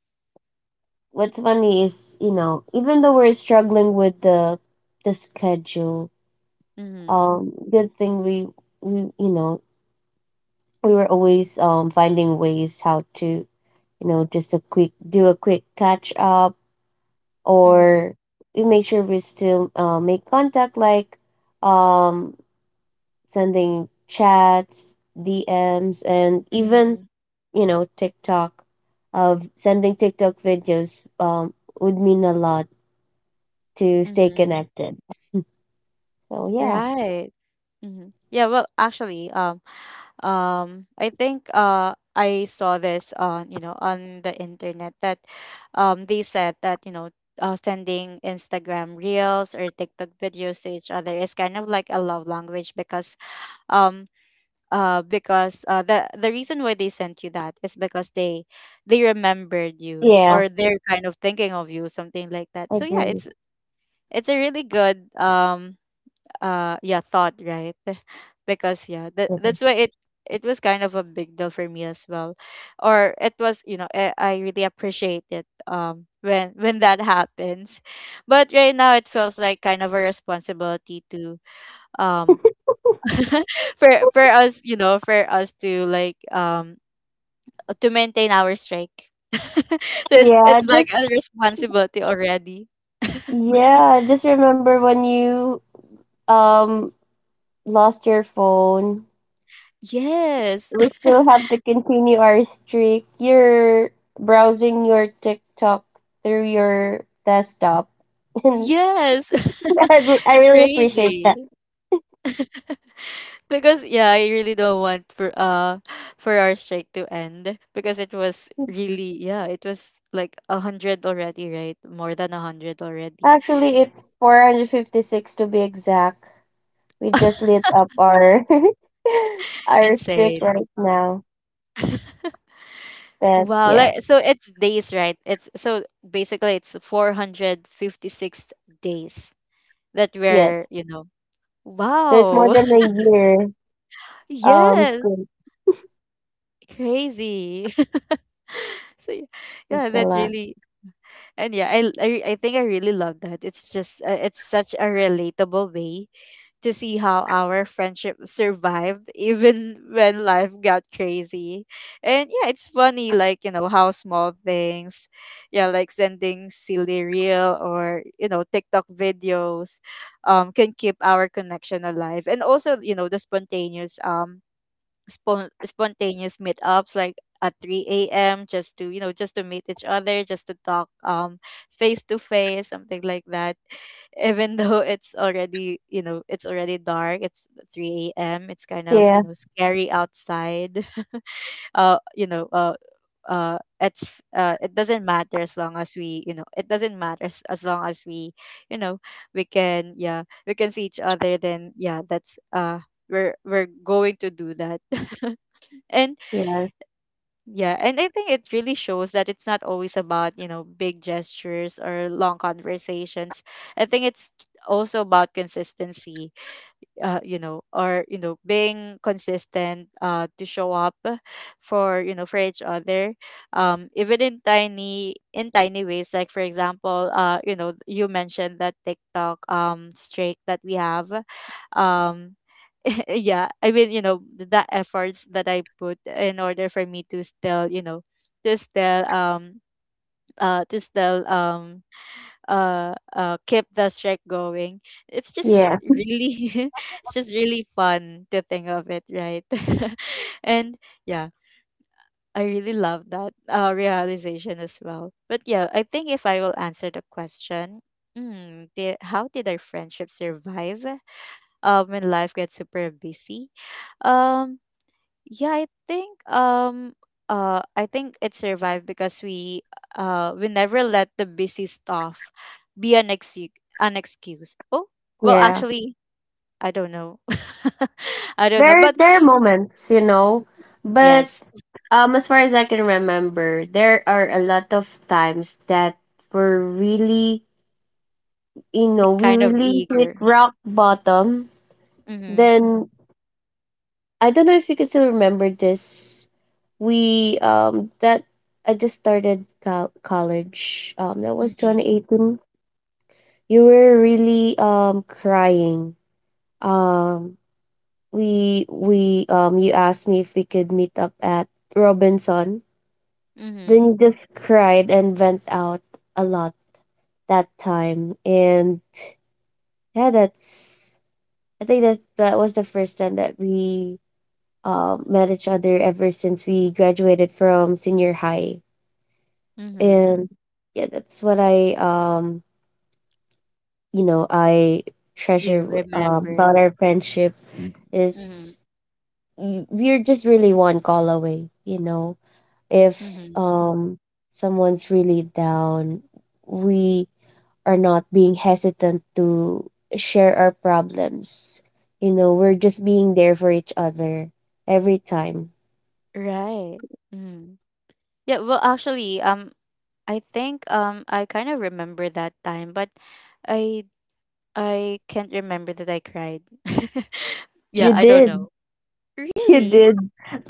[SPEAKER 2] what's funny is, you know, even though we're struggling with the schedule,
[SPEAKER 1] Mhm.
[SPEAKER 2] good thing we you know, we were always finding ways how to, you know, just a quick do a quick catch up,
[SPEAKER 1] Mhm.
[SPEAKER 2] or we make sure we still make contact like um, sending chats, dms, and even
[SPEAKER 1] Mhm.
[SPEAKER 2] you know tiktok of sending tiktok videos would mean a lot to stay
[SPEAKER 1] Mhm.
[SPEAKER 2] connected, so yeah.
[SPEAKER 1] Right. Mhm. Yeah, well, actually, I think I saw this on, you know, on the internet, that they said that, you know, sending Instagram reels or TikTok videos to each other is kind of like a love language because um, the reason why they sent you that is because they remembered you,
[SPEAKER 2] Yeah,
[SPEAKER 1] or they're kind of thinking of you, something like that.
[SPEAKER 2] I
[SPEAKER 1] So yeah,
[SPEAKER 2] agree
[SPEAKER 1] it's a really good yeah, thought, right? Because yeah, that,
[SPEAKER 2] with
[SPEAKER 1] that's
[SPEAKER 2] this.
[SPEAKER 1] why it, it was kind of a big deal for me as well, or it was, you know, I really appreciate it when that happens. But right now it feels like kind of a responsibility to um for us, you know, for us to like to maintain our strike, so
[SPEAKER 2] yeah
[SPEAKER 1] it's like
[SPEAKER 2] just
[SPEAKER 1] a responsibility already.
[SPEAKER 2] yeah, just remember when you um lost your phone,
[SPEAKER 1] Yes.
[SPEAKER 2] we still have to continue our streak. You're browsing your TikTok through your desktop.
[SPEAKER 1] Yes.
[SPEAKER 2] And I really appreciate that.
[SPEAKER 1] Crazy. Because yeah, I really don't want for our strike to end, because it was really, yeah, it was like a hundred already, right? More than a hundred already.
[SPEAKER 2] Actually, it's 456 to be exact. We just lit up our our streak
[SPEAKER 1] Insane.
[SPEAKER 2] right now. But
[SPEAKER 1] Wow,
[SPEAKER 2] yeah,
[SPEAKER 1] like so it's days, right? It's so basically it's 456 days that we're,
[SPEAKER 2] yes.
[SPEAKER 1] you know.
[SPEAKER 2] So it's more
[SPEAKER 1] Wow.
[SPEAKER 2] than a year.
[SPEAKER 1] Yes,
[SPEAKER 2] Streak.
[SPEAKER 1] crazy. So y-
[SPEAKER 2] That's
[SPEAKER 1] yeah,
[SPEAKER 2] a
[SPEAKER 1] that's
[SPEAKER 2] lot.
[SPEAKER 1] really, and yeah, I think I really love that. It's just it's such a relatable way to see how our friendship survived even when life got crazy. And yeah, it's funny, like, you know, how small things, yeah, like sending silly reel, or, you know, TikTok videos can keep our connection alive. And also, you know, the spontaneous spontaneous meetups like at 3 a.m. Just to just to meet each other, just to talk face to face, something like that. Even though it's already it's already dark, it's 3 a.m. It's kind of
[SPEAKER 2] Yeah,
[SPEAKER 1] scary outside. Uh, you know uh. It's it doesn't matter as long as we it doesn't matter as long as we you know we can, yeah, we can see each other, then yeah, that's we're going to do that. And
[SPEAKER 2] yeah,
[SPEAKER 1] Yeah, and I think it really shows that it's not always about, you know, big gestures or long conversations. I think it's also about consistency, you know, or, you know, being consistent to show up for, you know, for each other. Even in tiny ways, like for example, you know, you mentioned that TikTok streak that we have. Um yeah, I mean, you know, the efforts that I put in order for me to still, you know, to still um to still keep the streak going. It's just
[SPEAKER 2] yeah,
[SPEAKER 1] really it's just really fun to think of it, right? And yeah, I really love that realization as well. But yeah, I think if I will answer the question, mm, how did our friendship survive when life gets super busy? Um yeah, I think it survived because we never let the busy stuff be an excuse an excuse. Oh, well
[SPEAKER 2] yeah.
[SPEAKER 1] actually, I don't know. I don't know,
[SPEAKER 2] There,
[SPEAKER 1] but
[SPEAKER 2] there are moments, you know, but
[SPEAKER 1] yes,
[SPEAKER 2] as far as I can remember, there are a lot of times that we're really,
[SPEAKER 1] like
[SPEAKER 2] we
[SPEAKER 1] kind of
[SPEAKER 2] really hit
[SPEAKER 1] eager.
[SPEAKER 2] rock bottom.
[SPEAKER 1] Mhm.
[SPEAKER 2] Then I don't know if you can still remember this. We that I just started college. That was twenty
[SPEAKER 1] Mhm.
[SPEAKER 2] eighteen. You were really crying. Um, we You asked me if we could meet up at Robinson. Then
[SPEAKER 1] Mhm.
[SPEAKER 2] you just cried and went out a lot that time. And yeah, that's I think that that was the first time that we met each other ever since we graduated from senior high.
[SPEAKER 1] Mhm.
[SPEAKER 2] And yeah, that's what I you know I treasure
[SPEAKER 1] You remember.
[SPEAKER 2] about our friendship,
[SPEAKER 1] Mhm.
[SPEAKER 2] is we're just really one call away. You know, if
[SPEAKER 1] Mhm.
[SPEAKER 2] someone's really down, we are not being hesitant to share our problems. You know, we're just being there for each other every time.
[SPEAKER 1] Right. Mhm. Yeah, well actually, I think I kind of remember that time, but I I can't remember that I cried.
[SPEAKER 2] You
[SPEAKER 1] Yeah, I don't
[SPEAKER 2] did.
[SPEAKER 1] know.
[SPEAKER 2] You
[SPEAKER 1] Really?
[SPEAKER 2] did.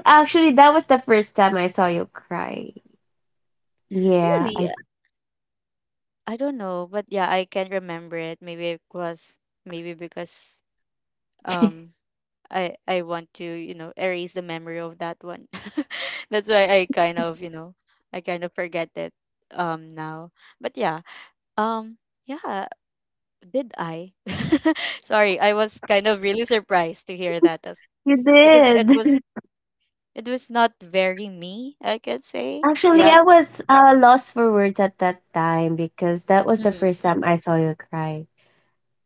[SPEAKER 2] Actually, that was the first time I saw you cry. Yeah,
[SPEAKER 1] Really?
[SPEAKER 2] I
[SPEAKER 1] I don't know, but yeah, I can't remember it. Maybe it was maybe because um I want to, you know, erase the memory of that one. That's why I kind of, you know, I kind of forget it now. But yeah, um yeah, did I? Sorry, I was kind of really surprised to hear that as
[SPEAKER 2] You
[SPEAKER 1] because it
[SPEAKER 2] did.
[SPEAKER 1] was it was not very me, I could say.
[SPEAKER 2] Actually,
[SPEAKER 1] Yeah.
[SPEAKER 2] I was lost for words at that time because that was the
[SPEAKER 1] Hmm.
[SPEAKER 2] first time I saw you cry,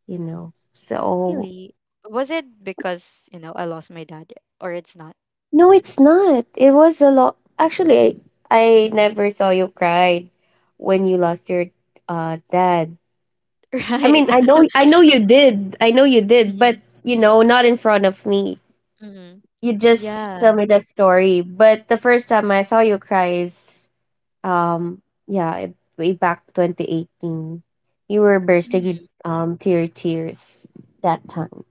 [SPEAKER 2] you know. So
[SPEAKER 1] Really? Was it because, you know, I lost my dad or it's not?
[SPEAKER 2] no, it's not. It was a lot. I never saw you cry when you lost your dad. I
[SPEAKER 1] Right.
[SPEAKER 2] mean, I know you did. I know you did,
[SPEAKER 1] Mm-hmm.
[SPEAKER 2] but you know, not in front of me.
[SPEAKER 1] Mm-hmm.
[SPEAKER 2] You just tell
[SPEAKER 1] Yeah.
[SPEAKER 2] me the story. But the first time I saw you cry is, yeah, way back 2018. You were bursting to your tears that time.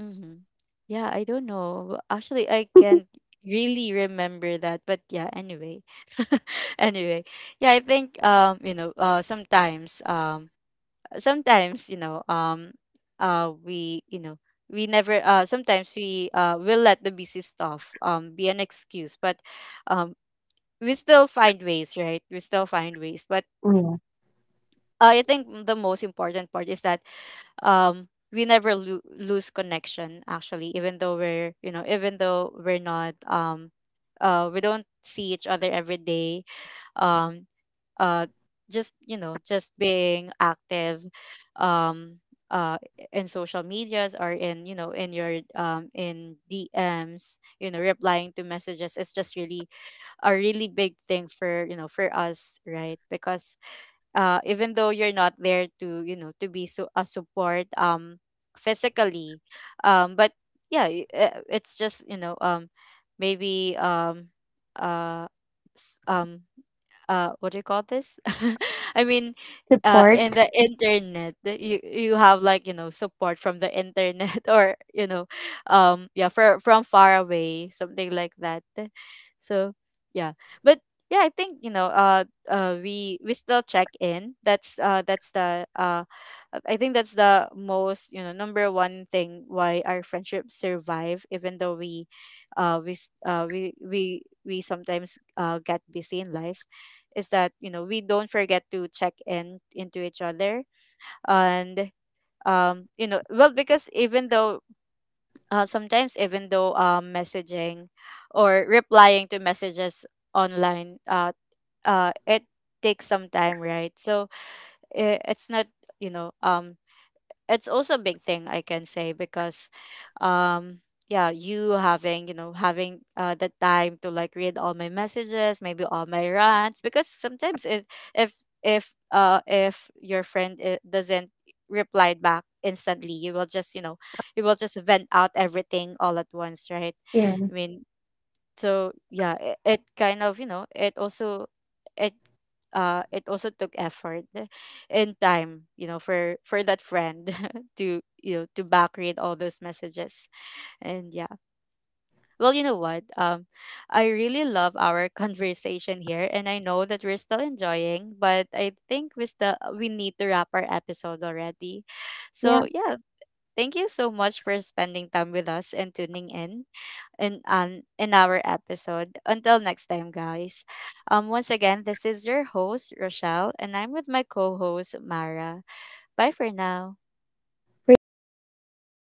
[SPEAKER 1] Mm-hmm. Yeah, I don't know. Actually, I can't really remember that, but yeah, anyway. Anyway. Yeah, I think you know, sometimes, you know, we, you know, we never sometimes we will let the busy stuff be an excuse, but um we still find ways, right, we still find ways. But
[SPEAKER 2] Yeah.
[SPEAKER 1] I think the most important part is that we never lose connection, actually, even though we're, you know, even though we're not we don't see each other every day. um uh just, you know, just being active um uh in social medias or in, you know, in your in DMs, you know, replying to messages is just really a really big thing for, you know, for us, right? Because even though you're not there to, you know, to be so a support physically, but yeah, it's just, you know, maybe uh s- um what do you call this? I mean, in
[SPEAKER 2] Support.
[SPEAKER 1] the internet, that you have, like, you know, support from the internet or, you know, yeah, for, from far away, something like that. So yeah, but yeah, I think, you know, we still check in. That's that's the I think that's the most, you know, number one thing why our friendship survive, even though we we sometimes get busy in life, is that, you know, we don't forget to check in into each other. And you know, well, because even though sometimes, even though messaging or replying to messages online, it takes some time, right? So it's not, you know, it's also a big thing, I can say, because um yeah, you having, you know, having the time to, like, read all my messages, maybe all my rants, because sometimes if if your friend doesn't reply back instantly, you will just, you know, you will just vent out everything all at once, right?
[SPEAKER 2] Yeah.
[SPEAKER 1] I mean, so yeah, it kind of, you know, it also it it also took effort and time, you know, for that friend to, you know, to back read all those messages. And yeah, well, you know what, I really love our conversation here, and I know that we're still enjoying, but I think we still we need to wrap our episode already.
[SPEAKER 2] Yeah.
[SPEAKER 1] So yeah, thank you so much for spending time with us and tuning in, in our episode. Until next time, guys. Once again, this is your host, Rochelle, and I'm with my co-host Mara. Bye for now.
[SPEAKER 2] Appreciate you guys.